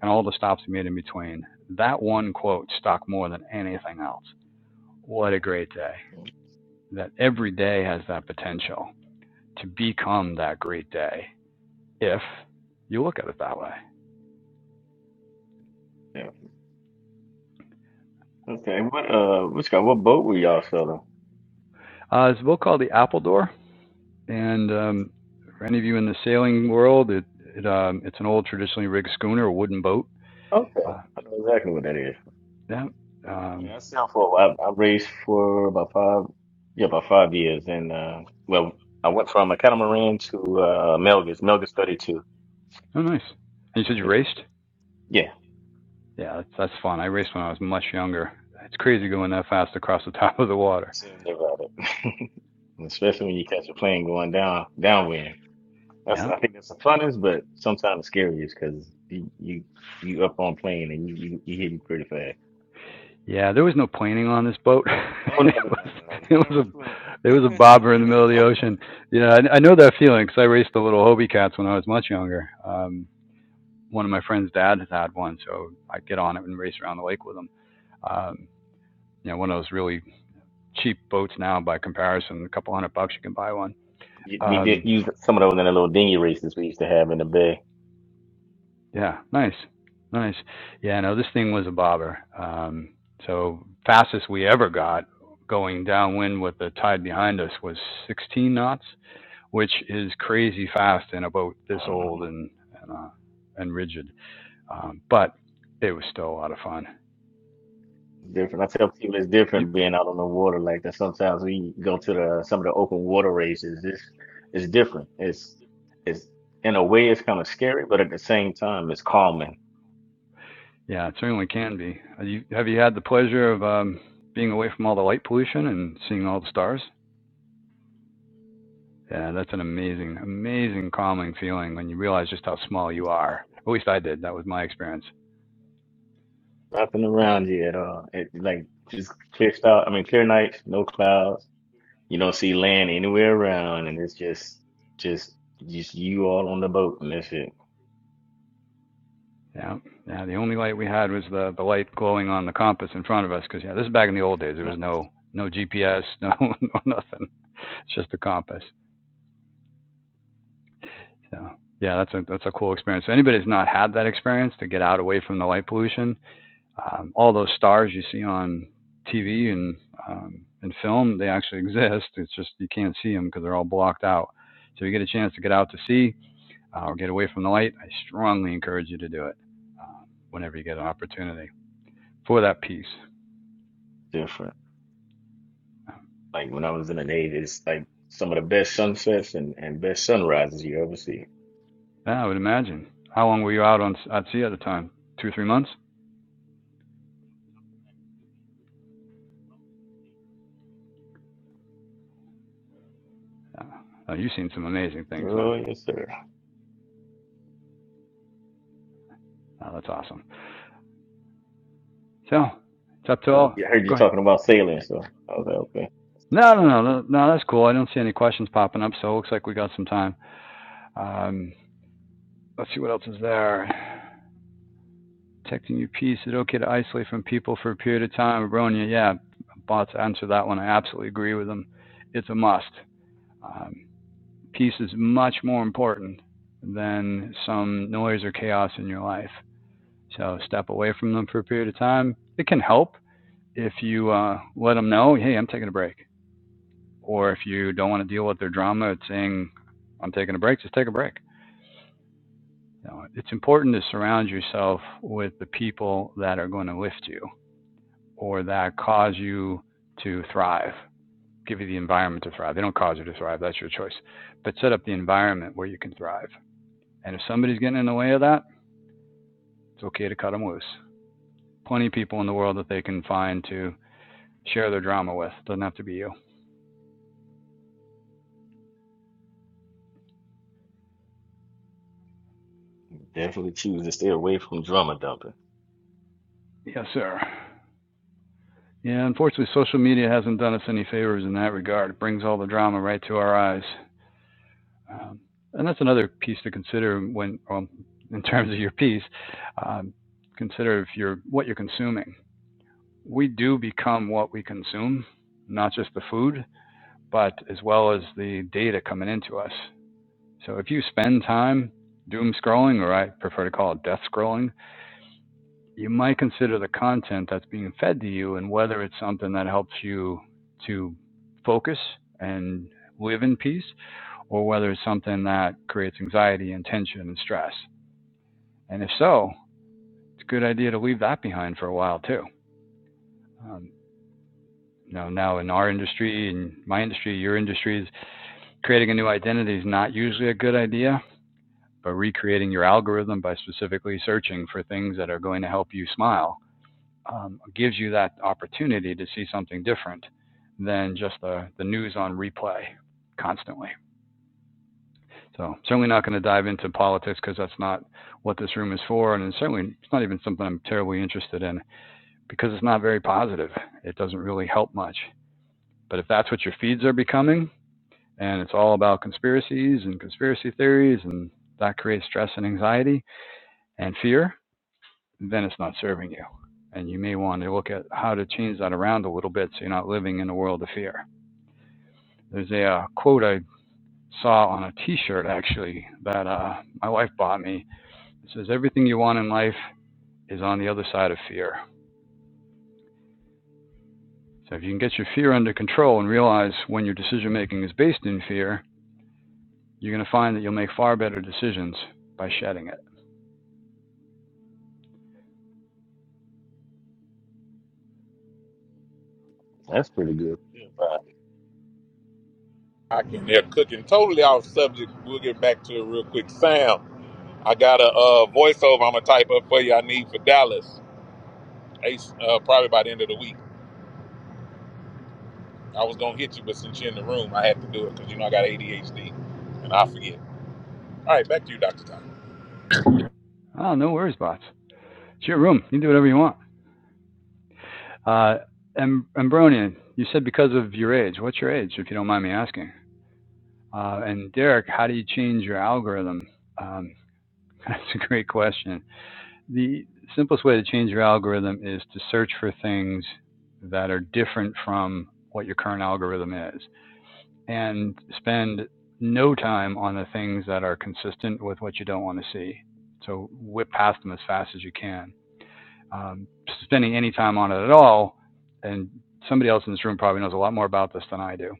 [SPEAKER 2] and all the stops we made in between, that one quote stuck more than anything else. What a great day. That every day has that potential to become that great day if you look at it that way.
[SPEAKER 5] Yeah. Okay. What uh, which guy? What boat were y'all selling?
[SPEAKER 2] Uh, it's a book called The Appledore, and um, for any of you in the sailing world, it, it um, it's an old traditionally rigged schooner, a wooden boat.
[SPEAKER 5] Okay,
[SPEAKER 2] Uh,
[SPEAKER 5] I know exactly what that is.
[SPEAKER 2] yeah. Um,
[SPEAKER 5] Yeah, I sailed for I, I raced for about five, yeah, about five years, and uh, well, I went from a catamaran to uh Melgus, Melgus 32.
[SPEAKER 2] oh, nice. And you said you
[SPEAKER 5] Yeah,
[SPEAKER 2] raced?
[SPEAKER 5] yeah,
[SPEAKER 2] Yeah, that's, that's fun. I raced when I was much younger. It's crazy going that fast across the top of the water.
[SPEAKER 5] seriously about it. Especially when you catch a plane going down downwind. That's
[SPEAKER 2] Yeah.
[SPEAKER 5] I think that's the funnest, but sometimes scariest because you you you up on plane and you you, you hit pretty fast.
[SPEAKER 2] Yeah, there was no planning on this boat.
[SPEAKER 5] Oh
[SPEAKER 2] it
[SPEAKER 5] no no
[SPEAKER 2] was
[SPEAKER 5] no no no!
[SPEAKER 2] it
[SPEAKER 5] Not on
[SPEAKER 2] was a it was a bobber in the middle
[SPEAKER 5] the phone.
[SPEAKER 2] of the ocean. Yeah, I, I know that feeling because I raced the little Hobie cats when I was much younger. Um, one of my friend's dad has had one, so I'd get on it and race around the lake with him. Um, you know, one of those really cheap boats now by comparison, a couple hundred bucks you can buy one.
[SPEAKER 5] we did
[SPEAKER 2] Um,
[SPEAKER 5] use some of those in the little dinghy races we used to have in the bay.
[SPEAKER 2] Yeah, nice, nice. Yeah, no, this thing was a bobber. Um, so fastest we ever got going downwind with the tide behind us was 16 knots, which is crazy fast in a boat this
[SPEAKER 5] Uh,
[SPEAKER 2] old and and, uh, and rigid. Um, but it was still a lot of fun.
[SPEAKER 5] different. I tell people it's
[SPEAKER 2] You,
[SPEAKER 5] different being out on the water like that. Sometimes we go to the some of the open water races. It's it's different. It's it's in a way it's kind of scary, but at the same time it's calming.
[SPEAKER 2] yeah, it certainly can be. Have you, have you had the pleasure of um, being away from all the light pollution and seeing all the stars? Yeah, that's an amazing, amazing calming feeling when you realize just how small you
[SPEAKER 5] Definitely.
[SPEAKER 2] are. At least I did. That was my experience.
[SPEAKER 5] Nothing
[SPEAKER 2] Yeah,
[SPEAKER 5] around you at all. It like just clear style. I mean clear nights, no clouds. You don't see land anywhere around, and it's just just just you all on the boat and that's it.
[SPEAKER 2] yeah, yeah. The only light we had was the the light glowing on the compass in front of us. Because yeah, this is back in the old days. There was
[SPEAKER 5] Nothing
[SPEAKER 2] no no GPS, no, no nothing. It's just a compass. So yeah, that's a that's a cool experience. So anybody that's not had that experience to get out away from the light pollution, um, all those stars you see on TV and um, and film, they actually exist. It's just you can't see them because they're all blocked out. So if you get a chance to get out to sea uh, or get away from the light, I strongly encourage you to do it uh, whenever you get an opportunity for that piece.
[SPEAKER 5] different. Like when I was in the Navy, it's like some of the best sunsets and, and best sunrises you ever see.
[SPEAKER 2] Yeah, I would imagine. How long were you out on at sea at the time? Two or three months? Uh, oh, you've seen some amazing things
[SPEAKER 5] Oh
[SPEAKER 2] then.
[SPEAKER 5] yes, sir.
[SPEAKER 2] Oh, that's awesome. So it's up to all.
[SPEAKER 5] Yeah, I heard you
[SPEAKER 2] Go ahead.
[SPEAKER 5] talking about sailing, so I was like, okay. that's fun
[SPEAKER 2] No, no,
[SPEAKER 5] stuff.
[SPEAKER 2] no, no, no. That's cool. I don't see any questions popping up, so it looks like we got some time. Um, let's see what else is there. Protecting your peace. Is it okay to isolate from people for a period of time? Bronya, yeah, bots answer that one. I absolutely agree with them. It's a must. Um, peace is much more important than some noise or chaos in your life. So step away from them for a period of time. It can help if you uh, let them know, hey, I'm taking a break. Or if you don't want to deal with their drama, it's saying, I'm taking a break, just take a break. You know, it's important to surround yourself with the people that are going to lift you or that cause you to thrive, give you the environment to thrive. They don't cause you to thrive, that's your choice. But set up the environment where you can thrive. And if somebody's getting in the way of that, it's okay to cut them loose. Plenty of people in the world that they can find to share their drama with. Doesn't have to be you.
[SPEAKER 5] Definitely choose to stay away from drama dumping.
[SPEAKER 2] Yes, sir. Yeah, unfortunately, social media hasn't done us any favors in that regard. It brings all the drama right to our eyes. Um, and that's another piece to consider when, well, in terms of your piece, um, consider if you're what you're consuming. We do become what we consume, not just the food, but as well as the data coming into us. So if you spend time doom scrolling, or I prefer to call it death scrolling, you might consider the content that's being fed to you and whether it's something that helps you to focus and live in peace or whether it's something that creates anxiety and tension and stress. And if so, it's a good idea to leave that behind for a while too. Um, you know, now in our industry, in my industry, your industry, creating a new identity is not usually a good idea, but recreating your algorithm by specifically searching for things that are going to help you smile um, gives you that opportunity to see something different than just the, the news on replay constantly. So certainly not going to dive into politics because that's not what this room is for, and it's certainly it's not even something I'm terribly interested in because it's not very positive. It doesn't really help much. But if that's what your feeds are becoming, and it's all about conspiracies and conspiracy theories, and that creates stress and anxiety and fear, then it's not serving you. And you may want to look at how to change that around a little bit so you're not living in a world of fear. There's a uh, quote I saw on a T-shirt actually that uh, my wife bought me It says everything you want in life is on the other side of fear. So if you can get your fear under control and realize when your decision making is based in fear, you're going to find that you'll make far better decisions by shedding it.
[SPEAKER 5] That's pretty good. Yeah, bye.
[SPEAKER 1] I can hear cooking totally off subject. We'll get back to it real quick. Sam, I got a uh, voiceover I'm going to type up for you I need for Dallas, Ace, uh, probably by the end of the week. I was going to hit you, but since you're in the room, I had to do it because, you know, I got ADHD and I forget. All right, back to you, Dr. Tom.
[SPEAKER 2] Oh, no worries, bots. It's your room. You can do whatever you want. Uh, Am- Ambronian, you said because of your age. What's your age, if you don't mind me asking? Uh, and Derek, how do you change your algorithm? Um, that's a great question. the simplest way to change your algorithm is to search for things that are different from what your current algorithm is and spend no time on the things that are consistent with what you don't want to see. So whip past them as fast as you can. Um, spending any time on it at all, and somebody else in this room probably knows a lot more about this than I do.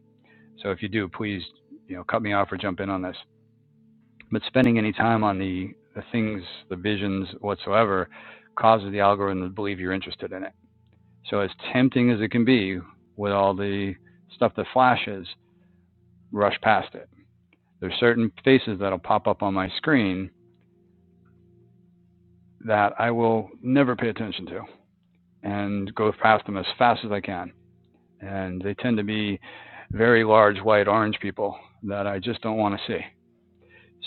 [SPEAKER 2] So if you do, please, you know, cut me off or jump in on this but spending any time on the, the things, the visions whatsoever, causes the algorithm to believe you're interested in it. So, as tempting as it can be with all the stuff that flashes, rush past it. There's certain faces that'll pop up on my screen that I will never pay attention to and go past them as fast as I can. And they tend to be very large, white, orange people that I just don't want to see.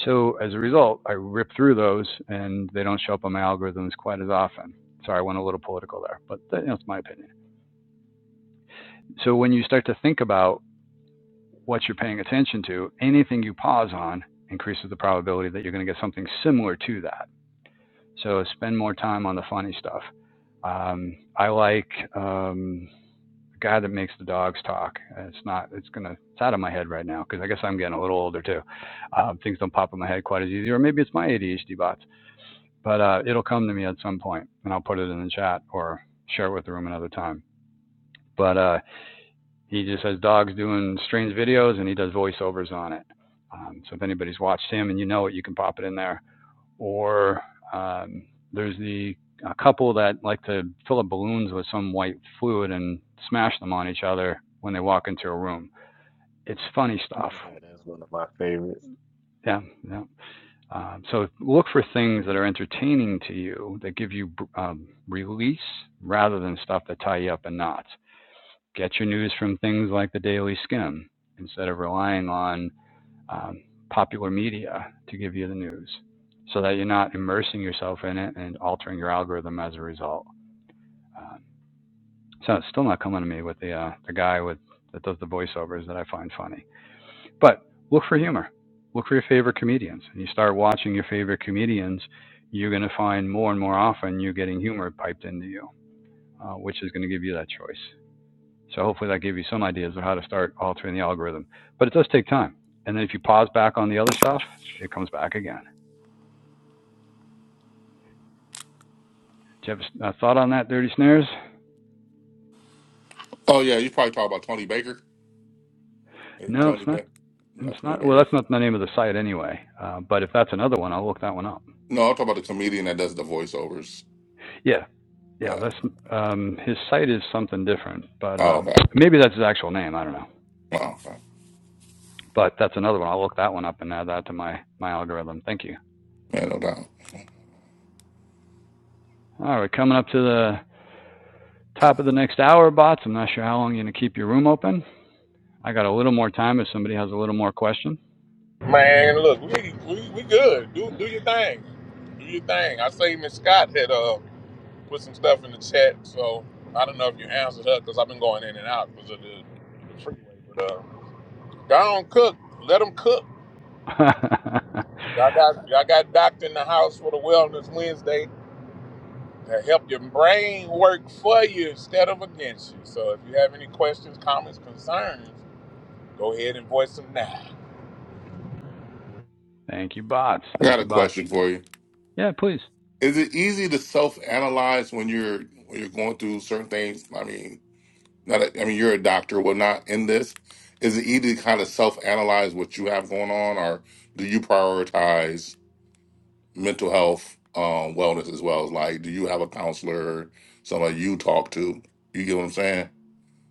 [SPEAKER 2] So as a result, I rip through those and they don't show up on my algorithms quite as often. Sorry, I went a little political there, but that, that's you know, my opinion. So when you start to think about what you're paying attention to, anything you pause on increases the probability that you're going to get something similar to that. So spend more time on the funny stuff. Um, I like um, the guy that makes the dogs talk. It's not. It's gonna. It's out of my head right now because I guess I'm getting a little older too. Um, things don't pop in my head quite as easy, or maybe it's my ADHD bots. but uh, it'll come to me at some point, and I'll put it in the chat or share it with the room another time. But uh, he just has dogs doing strange videos, and he does voiceovers on it. Um, so if anybody's watched him and you know it, you can pop it in there. Or um, there's the a couple that like to fill up balloons with some white fluid and smash them on each other when they walk into a room. It's funny stuff.
[SPEAKER 5] Yeah, that's one of my favorites.
[SPEAKER 2] Yeah, yeah. Um, so look for things that are entertaining to you that give you um, release rather than stuff that tie you up in knots. Get your news from things like the Daily Skim instead of relying on um, popular media to give you the news so that you're not immersing yourself in it and altering your algorithm as a result. Um so it's still not coming to me with the, uh, the guy with that does the voiceovers that I find funny. But look for humor. Look for your favorite comedians. And you start watching your favorite comedians, you're going to find more and more often you're getting humor piped into you, uh, which is going to give you that choice. So hopefully that gave you some ideas of how to start altering the algorithm. But it does take time. And then if you pause back on the other stuff, it comes back again. Do you have a thought on that, Dirty Snares?
[SPEAKER 4] oh yeah, you probably talk about Tony Baker. Hey,
[SPEAKER 2] No, it's
[SPEAKER 4] Tony
[SPEAKER 2] not.
[SPEAKER 4] Beck, not
[SPEAKER 2] It's
[SPEAKER 4] Tony
[SPEAKER 2] not. Well,
[SPEAKER 4] Baker.
[SPEAKER 2] that's not the name of the site anyway. Uh, but if that's another one, I'll look that one up.
[SPEAKER 4] No, I'm talking about the comedian that does the voiceovers.
[SPEAKER 2] Yeah. Yeah,
[SPEAKER 4] Yeah.
[SPEAKER 2] that's um, his site is something different, but
[SPEAKER 4] Oh,
[SPEAKER 2] um,
[SPEAKER 4] okay.
[SPEAKER 2] maybe that's his actual name. I don't know,
[SPEAKER 4] Oh, okay.
[SPEAKER 2] but that's another one. I'll look that one up and add that to my my algorithm. Thank you.
[SPEAKER 4] Yeah, no doubt.
[SPEAKER 2] All right, coming up to the top of the next hour, bots. I'm not sure how long you're gonna keep your room open. I got a little more time if somebody has a little more question.
[SPEAKER 1] Man, look, we, we, we good. Do, do your thing. Do your thing. I say Miss Scott had uh Put some stuff in the chat. So I don't know if you answered her because I've been going in and out because of the, freeway. But uh, not Cook, let them cook. I got I got doctor in the house for the Wellness Wednesday to help your brain work for you instead of against you. So if you have any questions, comments, concerns, go ahead and voice them now.
[SPEAKER 2] Thank you, bots.
[SPEAKER 4] I got
[SPEAKER 2] Thank
[SPEAKER 4] a
[SPEAKER 2] you, bots.
[SPEAKER 4] question for you.
[SPEAKER 2] Yeah, please.
[SPEAKER 4] Is it easy to self-analyze when you're when you're going through certain things? I mean, not. A, I mean, you're a doctor, well, not in this. Is it easy to kind of self-analyze what you have going on, or do you prioritize mental health, um, wellness as well? Like, do you have a counselor, somebody you talk to? You get what I'm saying?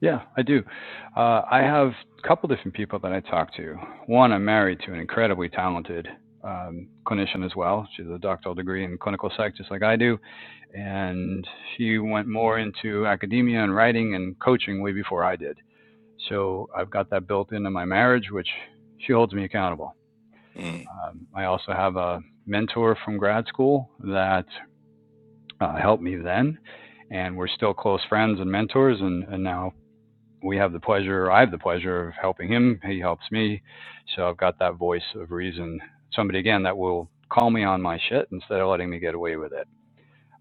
[SPEAKER 2] Yeah, I do. Uh, I have a couple different people that I talk to. One, I'm married to an incredibly talented um, clinician as well. She has a doctoral degree in clinical psych, just like I do. And she went more into academia and writing and coaching way before I did. So I've got that built into my marriage, which she holds me accountable.
[SPEAKER 4] Mm,
[SPEAKER 2] Um, I also have a mentor from grad school that uh, helped me then. And we're still close friends and mentors, and, and now we have the pleasure, I have the pleasure of helping him. He helps me. So I've got that voice of reason. Somebody, again, that will call me on my shit instead of letting me get away with it.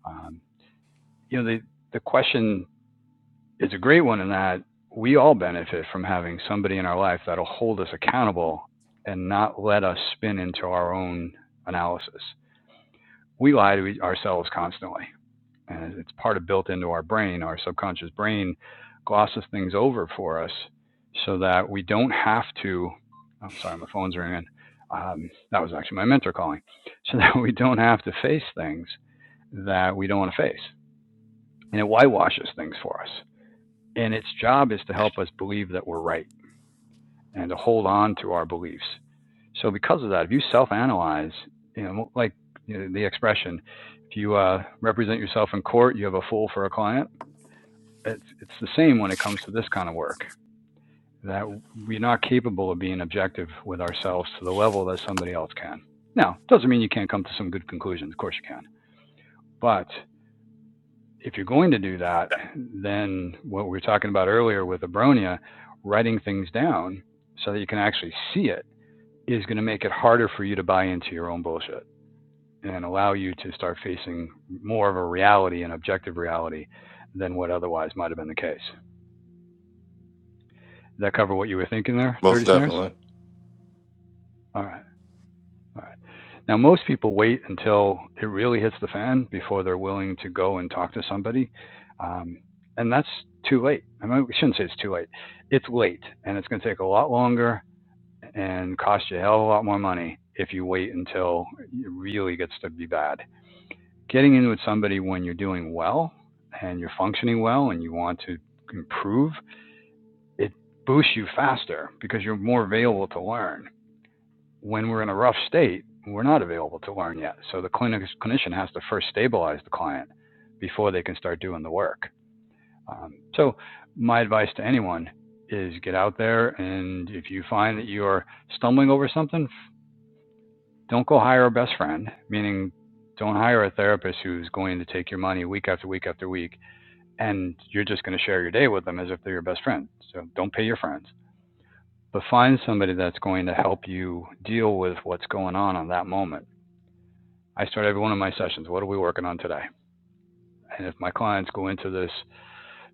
[SPEAKER 2] Um, you know, the, the question is a great one in that we all benefit from having somebody in our life that'll hold us accountable and not let us spin into our own analysis. We lie to e, ourselves constantly and it's part of built into our brain. Our subconscious brain glosses things over for us so that we don't have to. I'm sorry, my phone's ringing. Um, that was actually my mentor calling. So that we don't have to face things that we don't want to face. And it whitewashes things for us. And its job is to help us believe that we're right and to hold on to our beliefs. So because of that, if you self-analyze, you know, like you know, the expression, if you uh, represent yourself in court, you have a fool for a client. it's it's the same when it comes to this kind of work that we're not capable of being objective with ourselves to the level that somebody else can. Now, doesn't mean you can't come to some good conclusions. Of course you can. But if you're going to do that, then what we were talking about earlier with Abronia, writing things down so that you can actually see it is going to make it harder for you to buy into your own bullshit and allow you to start facing more of a reality and objective reality than what otherwise might have been the case. Did that cover what you were thinking there,
[SPEAKER 4] most
[SPEAKER 2] Dirty Snares?
[SPEAKER 4] definitely.
[SPEAKER 2] All right. All right. Now, most people wait until it really hits the fan before they're willing to go and talk to somebody. Um, and that's too late. I mean, we shouldn't say it's too late. It's late and it's going to take a lot longer and cost you a hell of a lot more money if you wait until it really gets to be bad. Getting in with somebody when you're doing well and you're functioning well and you want to improve, it boosts you faster because you're more available to learn when we're in a rough state, we're not available to learn yet. So the clinic, clinician has to first stabilize the client before they can start doing the work. Um, so my advice to anyone is get out there and if you find that you're stumbling over something, don't go hire a best friend, meaning don't hire a therapist who's going to take your money week after week after week and you're just going to share your day with them as if they're your best friend. So don't pay your friends, but find somebody that's going to help you deal with what's going on on that moment. I start every one of my sessions. What are we working on today? And if my clients go into this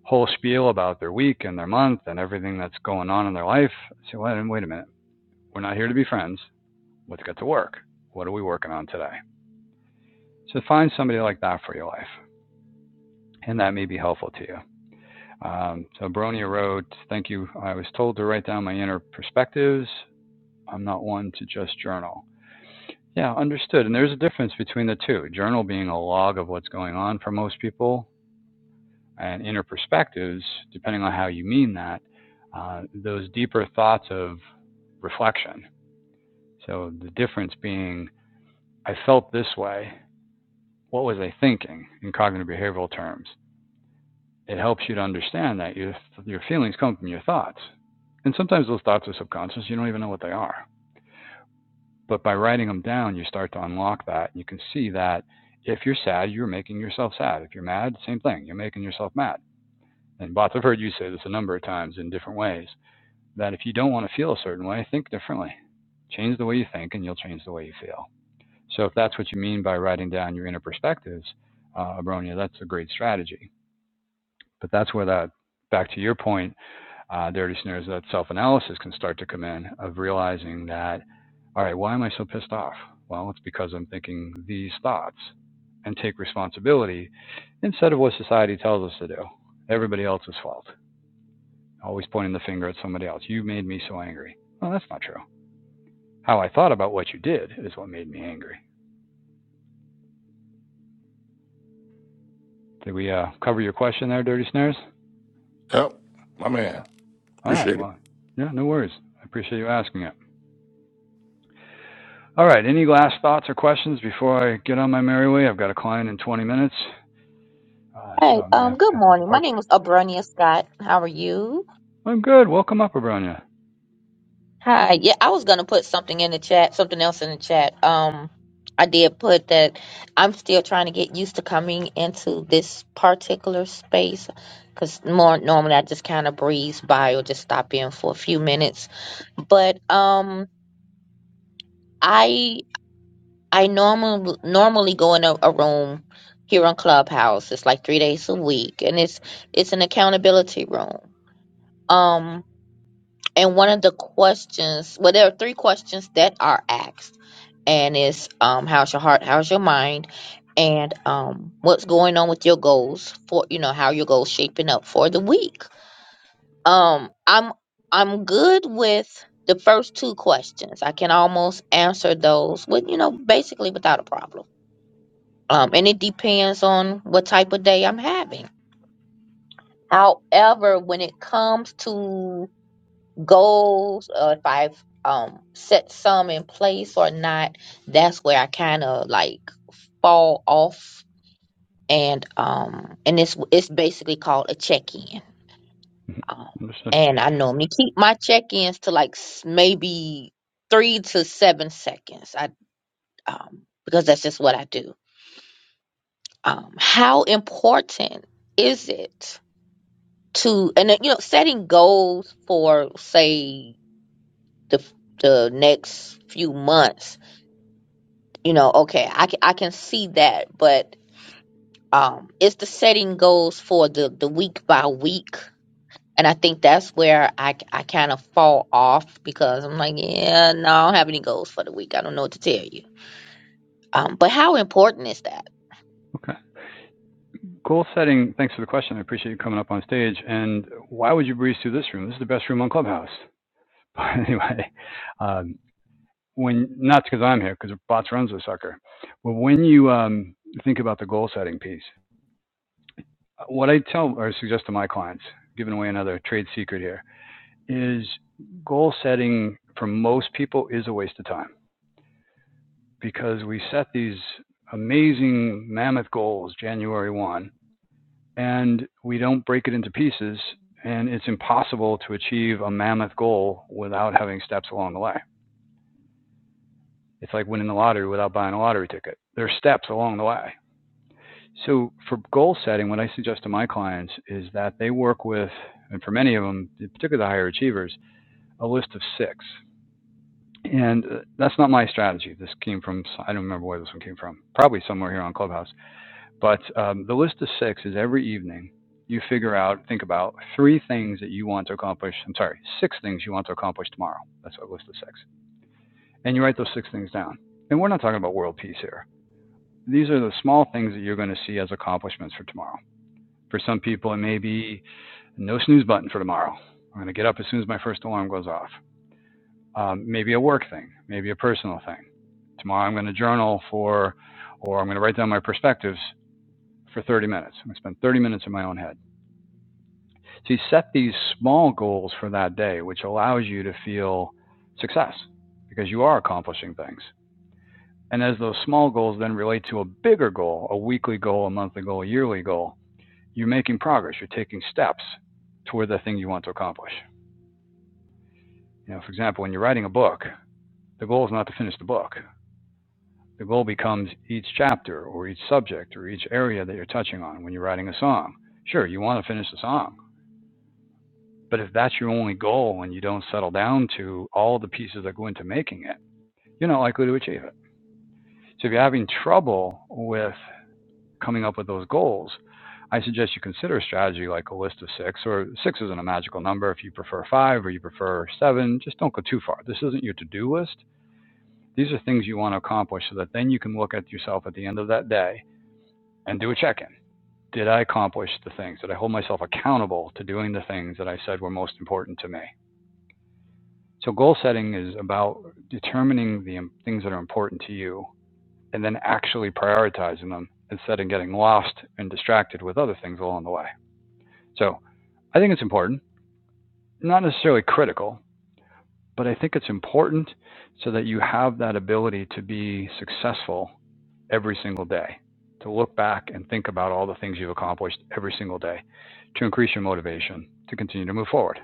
[SPEAKER 2] whole spiel about their week and their month and everything that's going on in their life, I say, well, then wait a minute. We're not here to be friends. Let's get to work. What are we working on today? So find somebody like that for your life, and that may be helpful to you. Um, so Bronia wrote, "Thank you. I was told to write down my inner perspectives. I'm not one to just journal." Yeah, understood. And there's a difference between the two. Journal being a log of what's going on for most people, and inner perspectives, depending on how you mean that, uh, those deeper thoughts of reflection. So the difference being, I felt this way. What was I thinking in cognitive behavioral terms? It helps you to understand that your, your feelings come from your thoughts. And sometimes those thoughts are subconscious, you don't even know what they are. But by writing them down, you start to unlock that. You can see that if you're sad, you're making yourself sad. If you're mad, same thing, you're making yourself mad. And bots, I've heard you say this a number of times in different ways. that if you don't want to feel a certain way, think differently. Change the way you think, and you'll change the way you feel. So, if that's what you mean by writing down your inner perspectives, uh, Abronia, that's a great strategy. But that's where that, back to your point, uh, dirty snares, that self analysis can start to come in of realizing that, all right, why am I so pissed off? Well, it's because I'm thinking these thoughts and take responsibility instead of what society tells us to do. Everybody else's fault. Always pointing the finger at somebody else. You made me so angry. Well, that's not true. how I thought about what you did is what made me angry. Did we uh, cover your question there, Dirty Snares?
[SPEAKER 4] Yep, my man.
[SPEAKER 2] All right.
[SPEAKER 4] Appreciate it.
[SPEAKER 2] Well, yeah, no worries. I appreciate you asking it. All right. Any last thoughts or questions before I get on my merry way? I've got a client in 20 minutes, uh, so
[SPEAKER 6] Hey,
[SPEAKER 2] I'm going
[SPEAKER 6] um,
[SPEAKER 2] to
[SPEAKER 6] good
[SPEAKER 2] have to
[SPEAKER 6] morning. My
[SPEAKER 2] depart
[SPEAKER 6] name
[SPEAKER 2] you.
[SPEAKER 6] is Abronia Scott. How are you?
[SPEAKER 2] I'm good. Welcome up, Abronia.
[SPEAKER 6] Hi. Yeah, I was gonna put something in the chat, something else in the chat. Um, I did put that I'm still trying to get used to coming into this particular space because more normally I just kind of breeze by or just stop in for a few minutes. But um, I I normal normally go in a, a room here on Clubhouse. It's like three days a week, and it's it's an accountability room. Um And one of the questions, well, there are three questions that are asked, and it's um, how's your heart, how's your mind, and um, what's going on with your goals for you know how your goals shaping up for the week. Um, I'm I'm good with the first two questions. I can almost answer those with you know basically without a problem. Um, and it depends on what type of day I'm having. However, when it comes to goals or if I've um set some in place or not, that's where I kind of like fall off and um and it's it's basically called a check-in. Um
[SPEAKER 2] Understood.
[SPEAKER 6] and I normally keep my check-ins to like s- maybe 3 to 7 seconds. I um because that's just what I do. Um how important is it to and then, you know setting goals for say the the next few months you know, okay, I can I can see that, but um, it's the setting goals for the the week by week, and I think that's where I I kind of fall off because I'm like, yeah, no, I don't have any goals for the week. I don't know what to tell you. Um, but how important is that?
[SPEAKER 2] Okay. Cool setting. Thanks for the question. I appreciate you coming up on stage. And why would you breeze through this room? This is the best room on Clubhouse. But anyway, um, when not because I'm here because bots runs the sucker. But when you um, think about the goal setting piece, uh, what I tell or suggest to my clients, giving away another trade secret here, is goal setting for most people is a waste of time because we set these amazing mammoth goals January one, and we don't break it into pieces. And it's impossible to achieve a mammoth goal without having steps along the way. It's like winning the lottery without buying a lottery ticket. There's steps along the way So for goal setting, what I suggest to my clients is that they work with, and for many of them, particularly the higher achievers, a list of six. And uh, that's not my strategy. This came from, I don't remember where this one came from, probably somewhere here on Clubhouse. But um, the list of six is every evening you figure out, think about three things that you want to accomplish. I'm sorry, six things you want to accomplish tomorrow. That's what list of six. And you write those six things down. And we're not talking about world peace here. These are the small things that you're going to see as accomplishments for tomorrow For some people, it may be no snooze button for tomorrow. I'm going to get up as soon as my first alarm goes off. Um, maybe a work thing, maybe a personal thing. Tomorrow, I'm going to journal for, or I'm going to write down my perspectives for 30 minutes. I'm going to spend 30 minutes in my own head. So you set these small goals for that day, which allows you to feel success because you are accomplishing things. And as those small goals then relate to a bigger goal, a weekly goal, a monthly goal, a yearly goal, you're making progress. You're taking steps toward the thing you want to accomplish. You know, for example, when you're writing a book, the goal is not to finish the book. The goal becomes each chapter or each subject or each area that you're touching on when you're writing a song. Sure, you want to finish the song, but if that's your only goal and you don't settle down to all the pieces that go into making it, you're not likely to achieve it. So if you're having trouble with coming up with those goals, I suggest you consider a strategy like a list of six, or six isn't a magical number. If you prefer five or you prefer seven, just don't go too far. This isn't your to do list. These are things you want to accomplish so that then you can look at yourself at the end of that day and do a check in. Did I accomplish the things? Did I hold myself accountable to doing the things that I said were most important to me? So, goal setting is about determining the things that are important to you and then actually prioritizing them instead of getting lost and distracted with other things along the way. So, I think it's important, not necessarily critical, but I think it's important so that you have that ability to be successful every single day, to look back and think about all the things you've accomplished every single day, to increase your motivation to continue to move forward.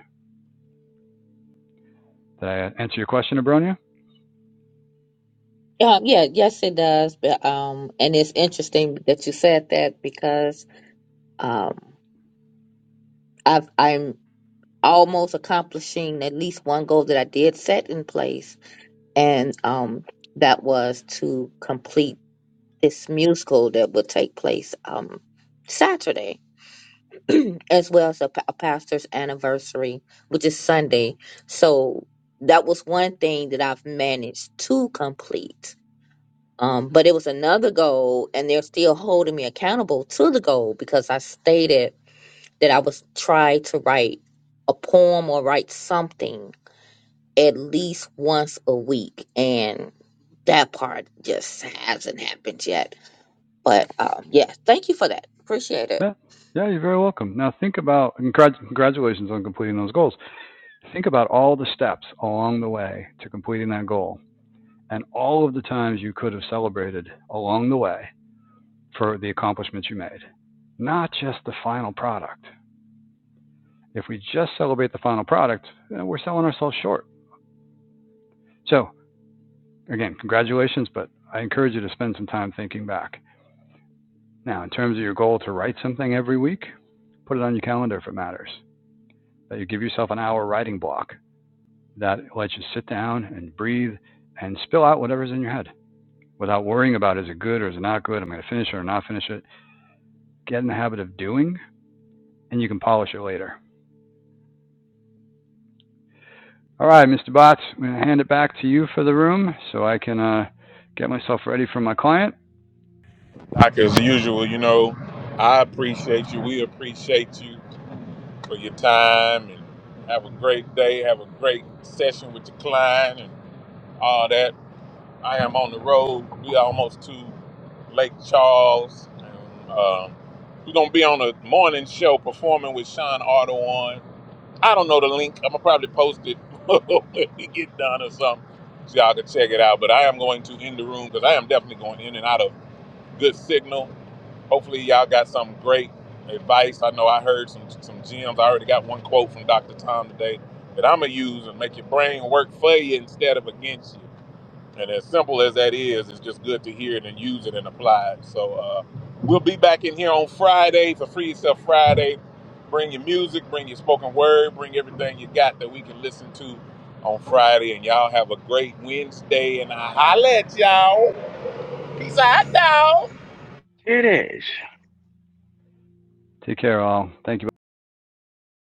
[SPEAKER 2] Did I answer your question, Abronia?
[SPEAKER 6] Um, yeah, yes, it does. But um, and it's interesting that you said that because um, I've I'm almost accomplishing at least one goal that I did set in place, and um, that was to complete. this musical that will take place um Saturday, as well as a, pa- a pastor's anniversary, which is Sunday. So that was one thing that I've managed to complete. Um, but it was another goal, and they're still holding me accountable to the goal because I stated that I was trying to write a poem or write something at least once a week, and that part just hasn't happened yet but um, yeah, thank you for that. Appreciate it.
[SPEAKER 2] Yeah, yeah, you're very welcome. Now think about, and congratulations on completing those goals. Think about all the steps along the way to completing that goal and all of the times you could have celebrated along the way for the accomplishments you made, not just the final product. If we just celebrate the final product, eh, we're selling ourselves short. So, again, congratulations, but I encourage you to spend some time thinking back. Now, in terms of your goal to write something every week, put it on your calendar if it matters. That you give yourself an hour writing block that lets you sit down and breathe and spill out whatever's in your head without worrying about is it good or is it not good? I'm going to finish it or not finish it. Get in the habit of doing, and you can polish it later. All right, Mr. Botts, I'm going to hand it back to you for the room so I can uh, get myself ready for my client
[SPEAKER 1] Like as usual, you know, I appreciate you. We appreciate you for your time and have a great day. Have a great session with your client and all that. I am on the road. We are almost to Lake Charles. And, uh, we're gonna be on a morning show performing with Sean Otto on. I don't know the link. I'm gonna probably post it when we get done or something, so y'all can check it out. But I am going to end the room because I am definitely going in and out of good signal. Hopefully, y'all got some great advice. I know I heard some some gems. I already got one quote from Dr. Tom today that I'm gonna use and make your brain work for you instead of against you. And as simple as that is, it's just good to hear it and use it and apply it. So uh, we'll be back in here on Friday for Free Yourself Friday. Bring your music, bring your spoken word, bring everything you got that we can listen to on Friday. And y'all have a great Wednesday. And I holla at y'all. Peace out, y'all.
[SPEAKER 5] It is.
[SPEAKER 2] Take care all. Thank you.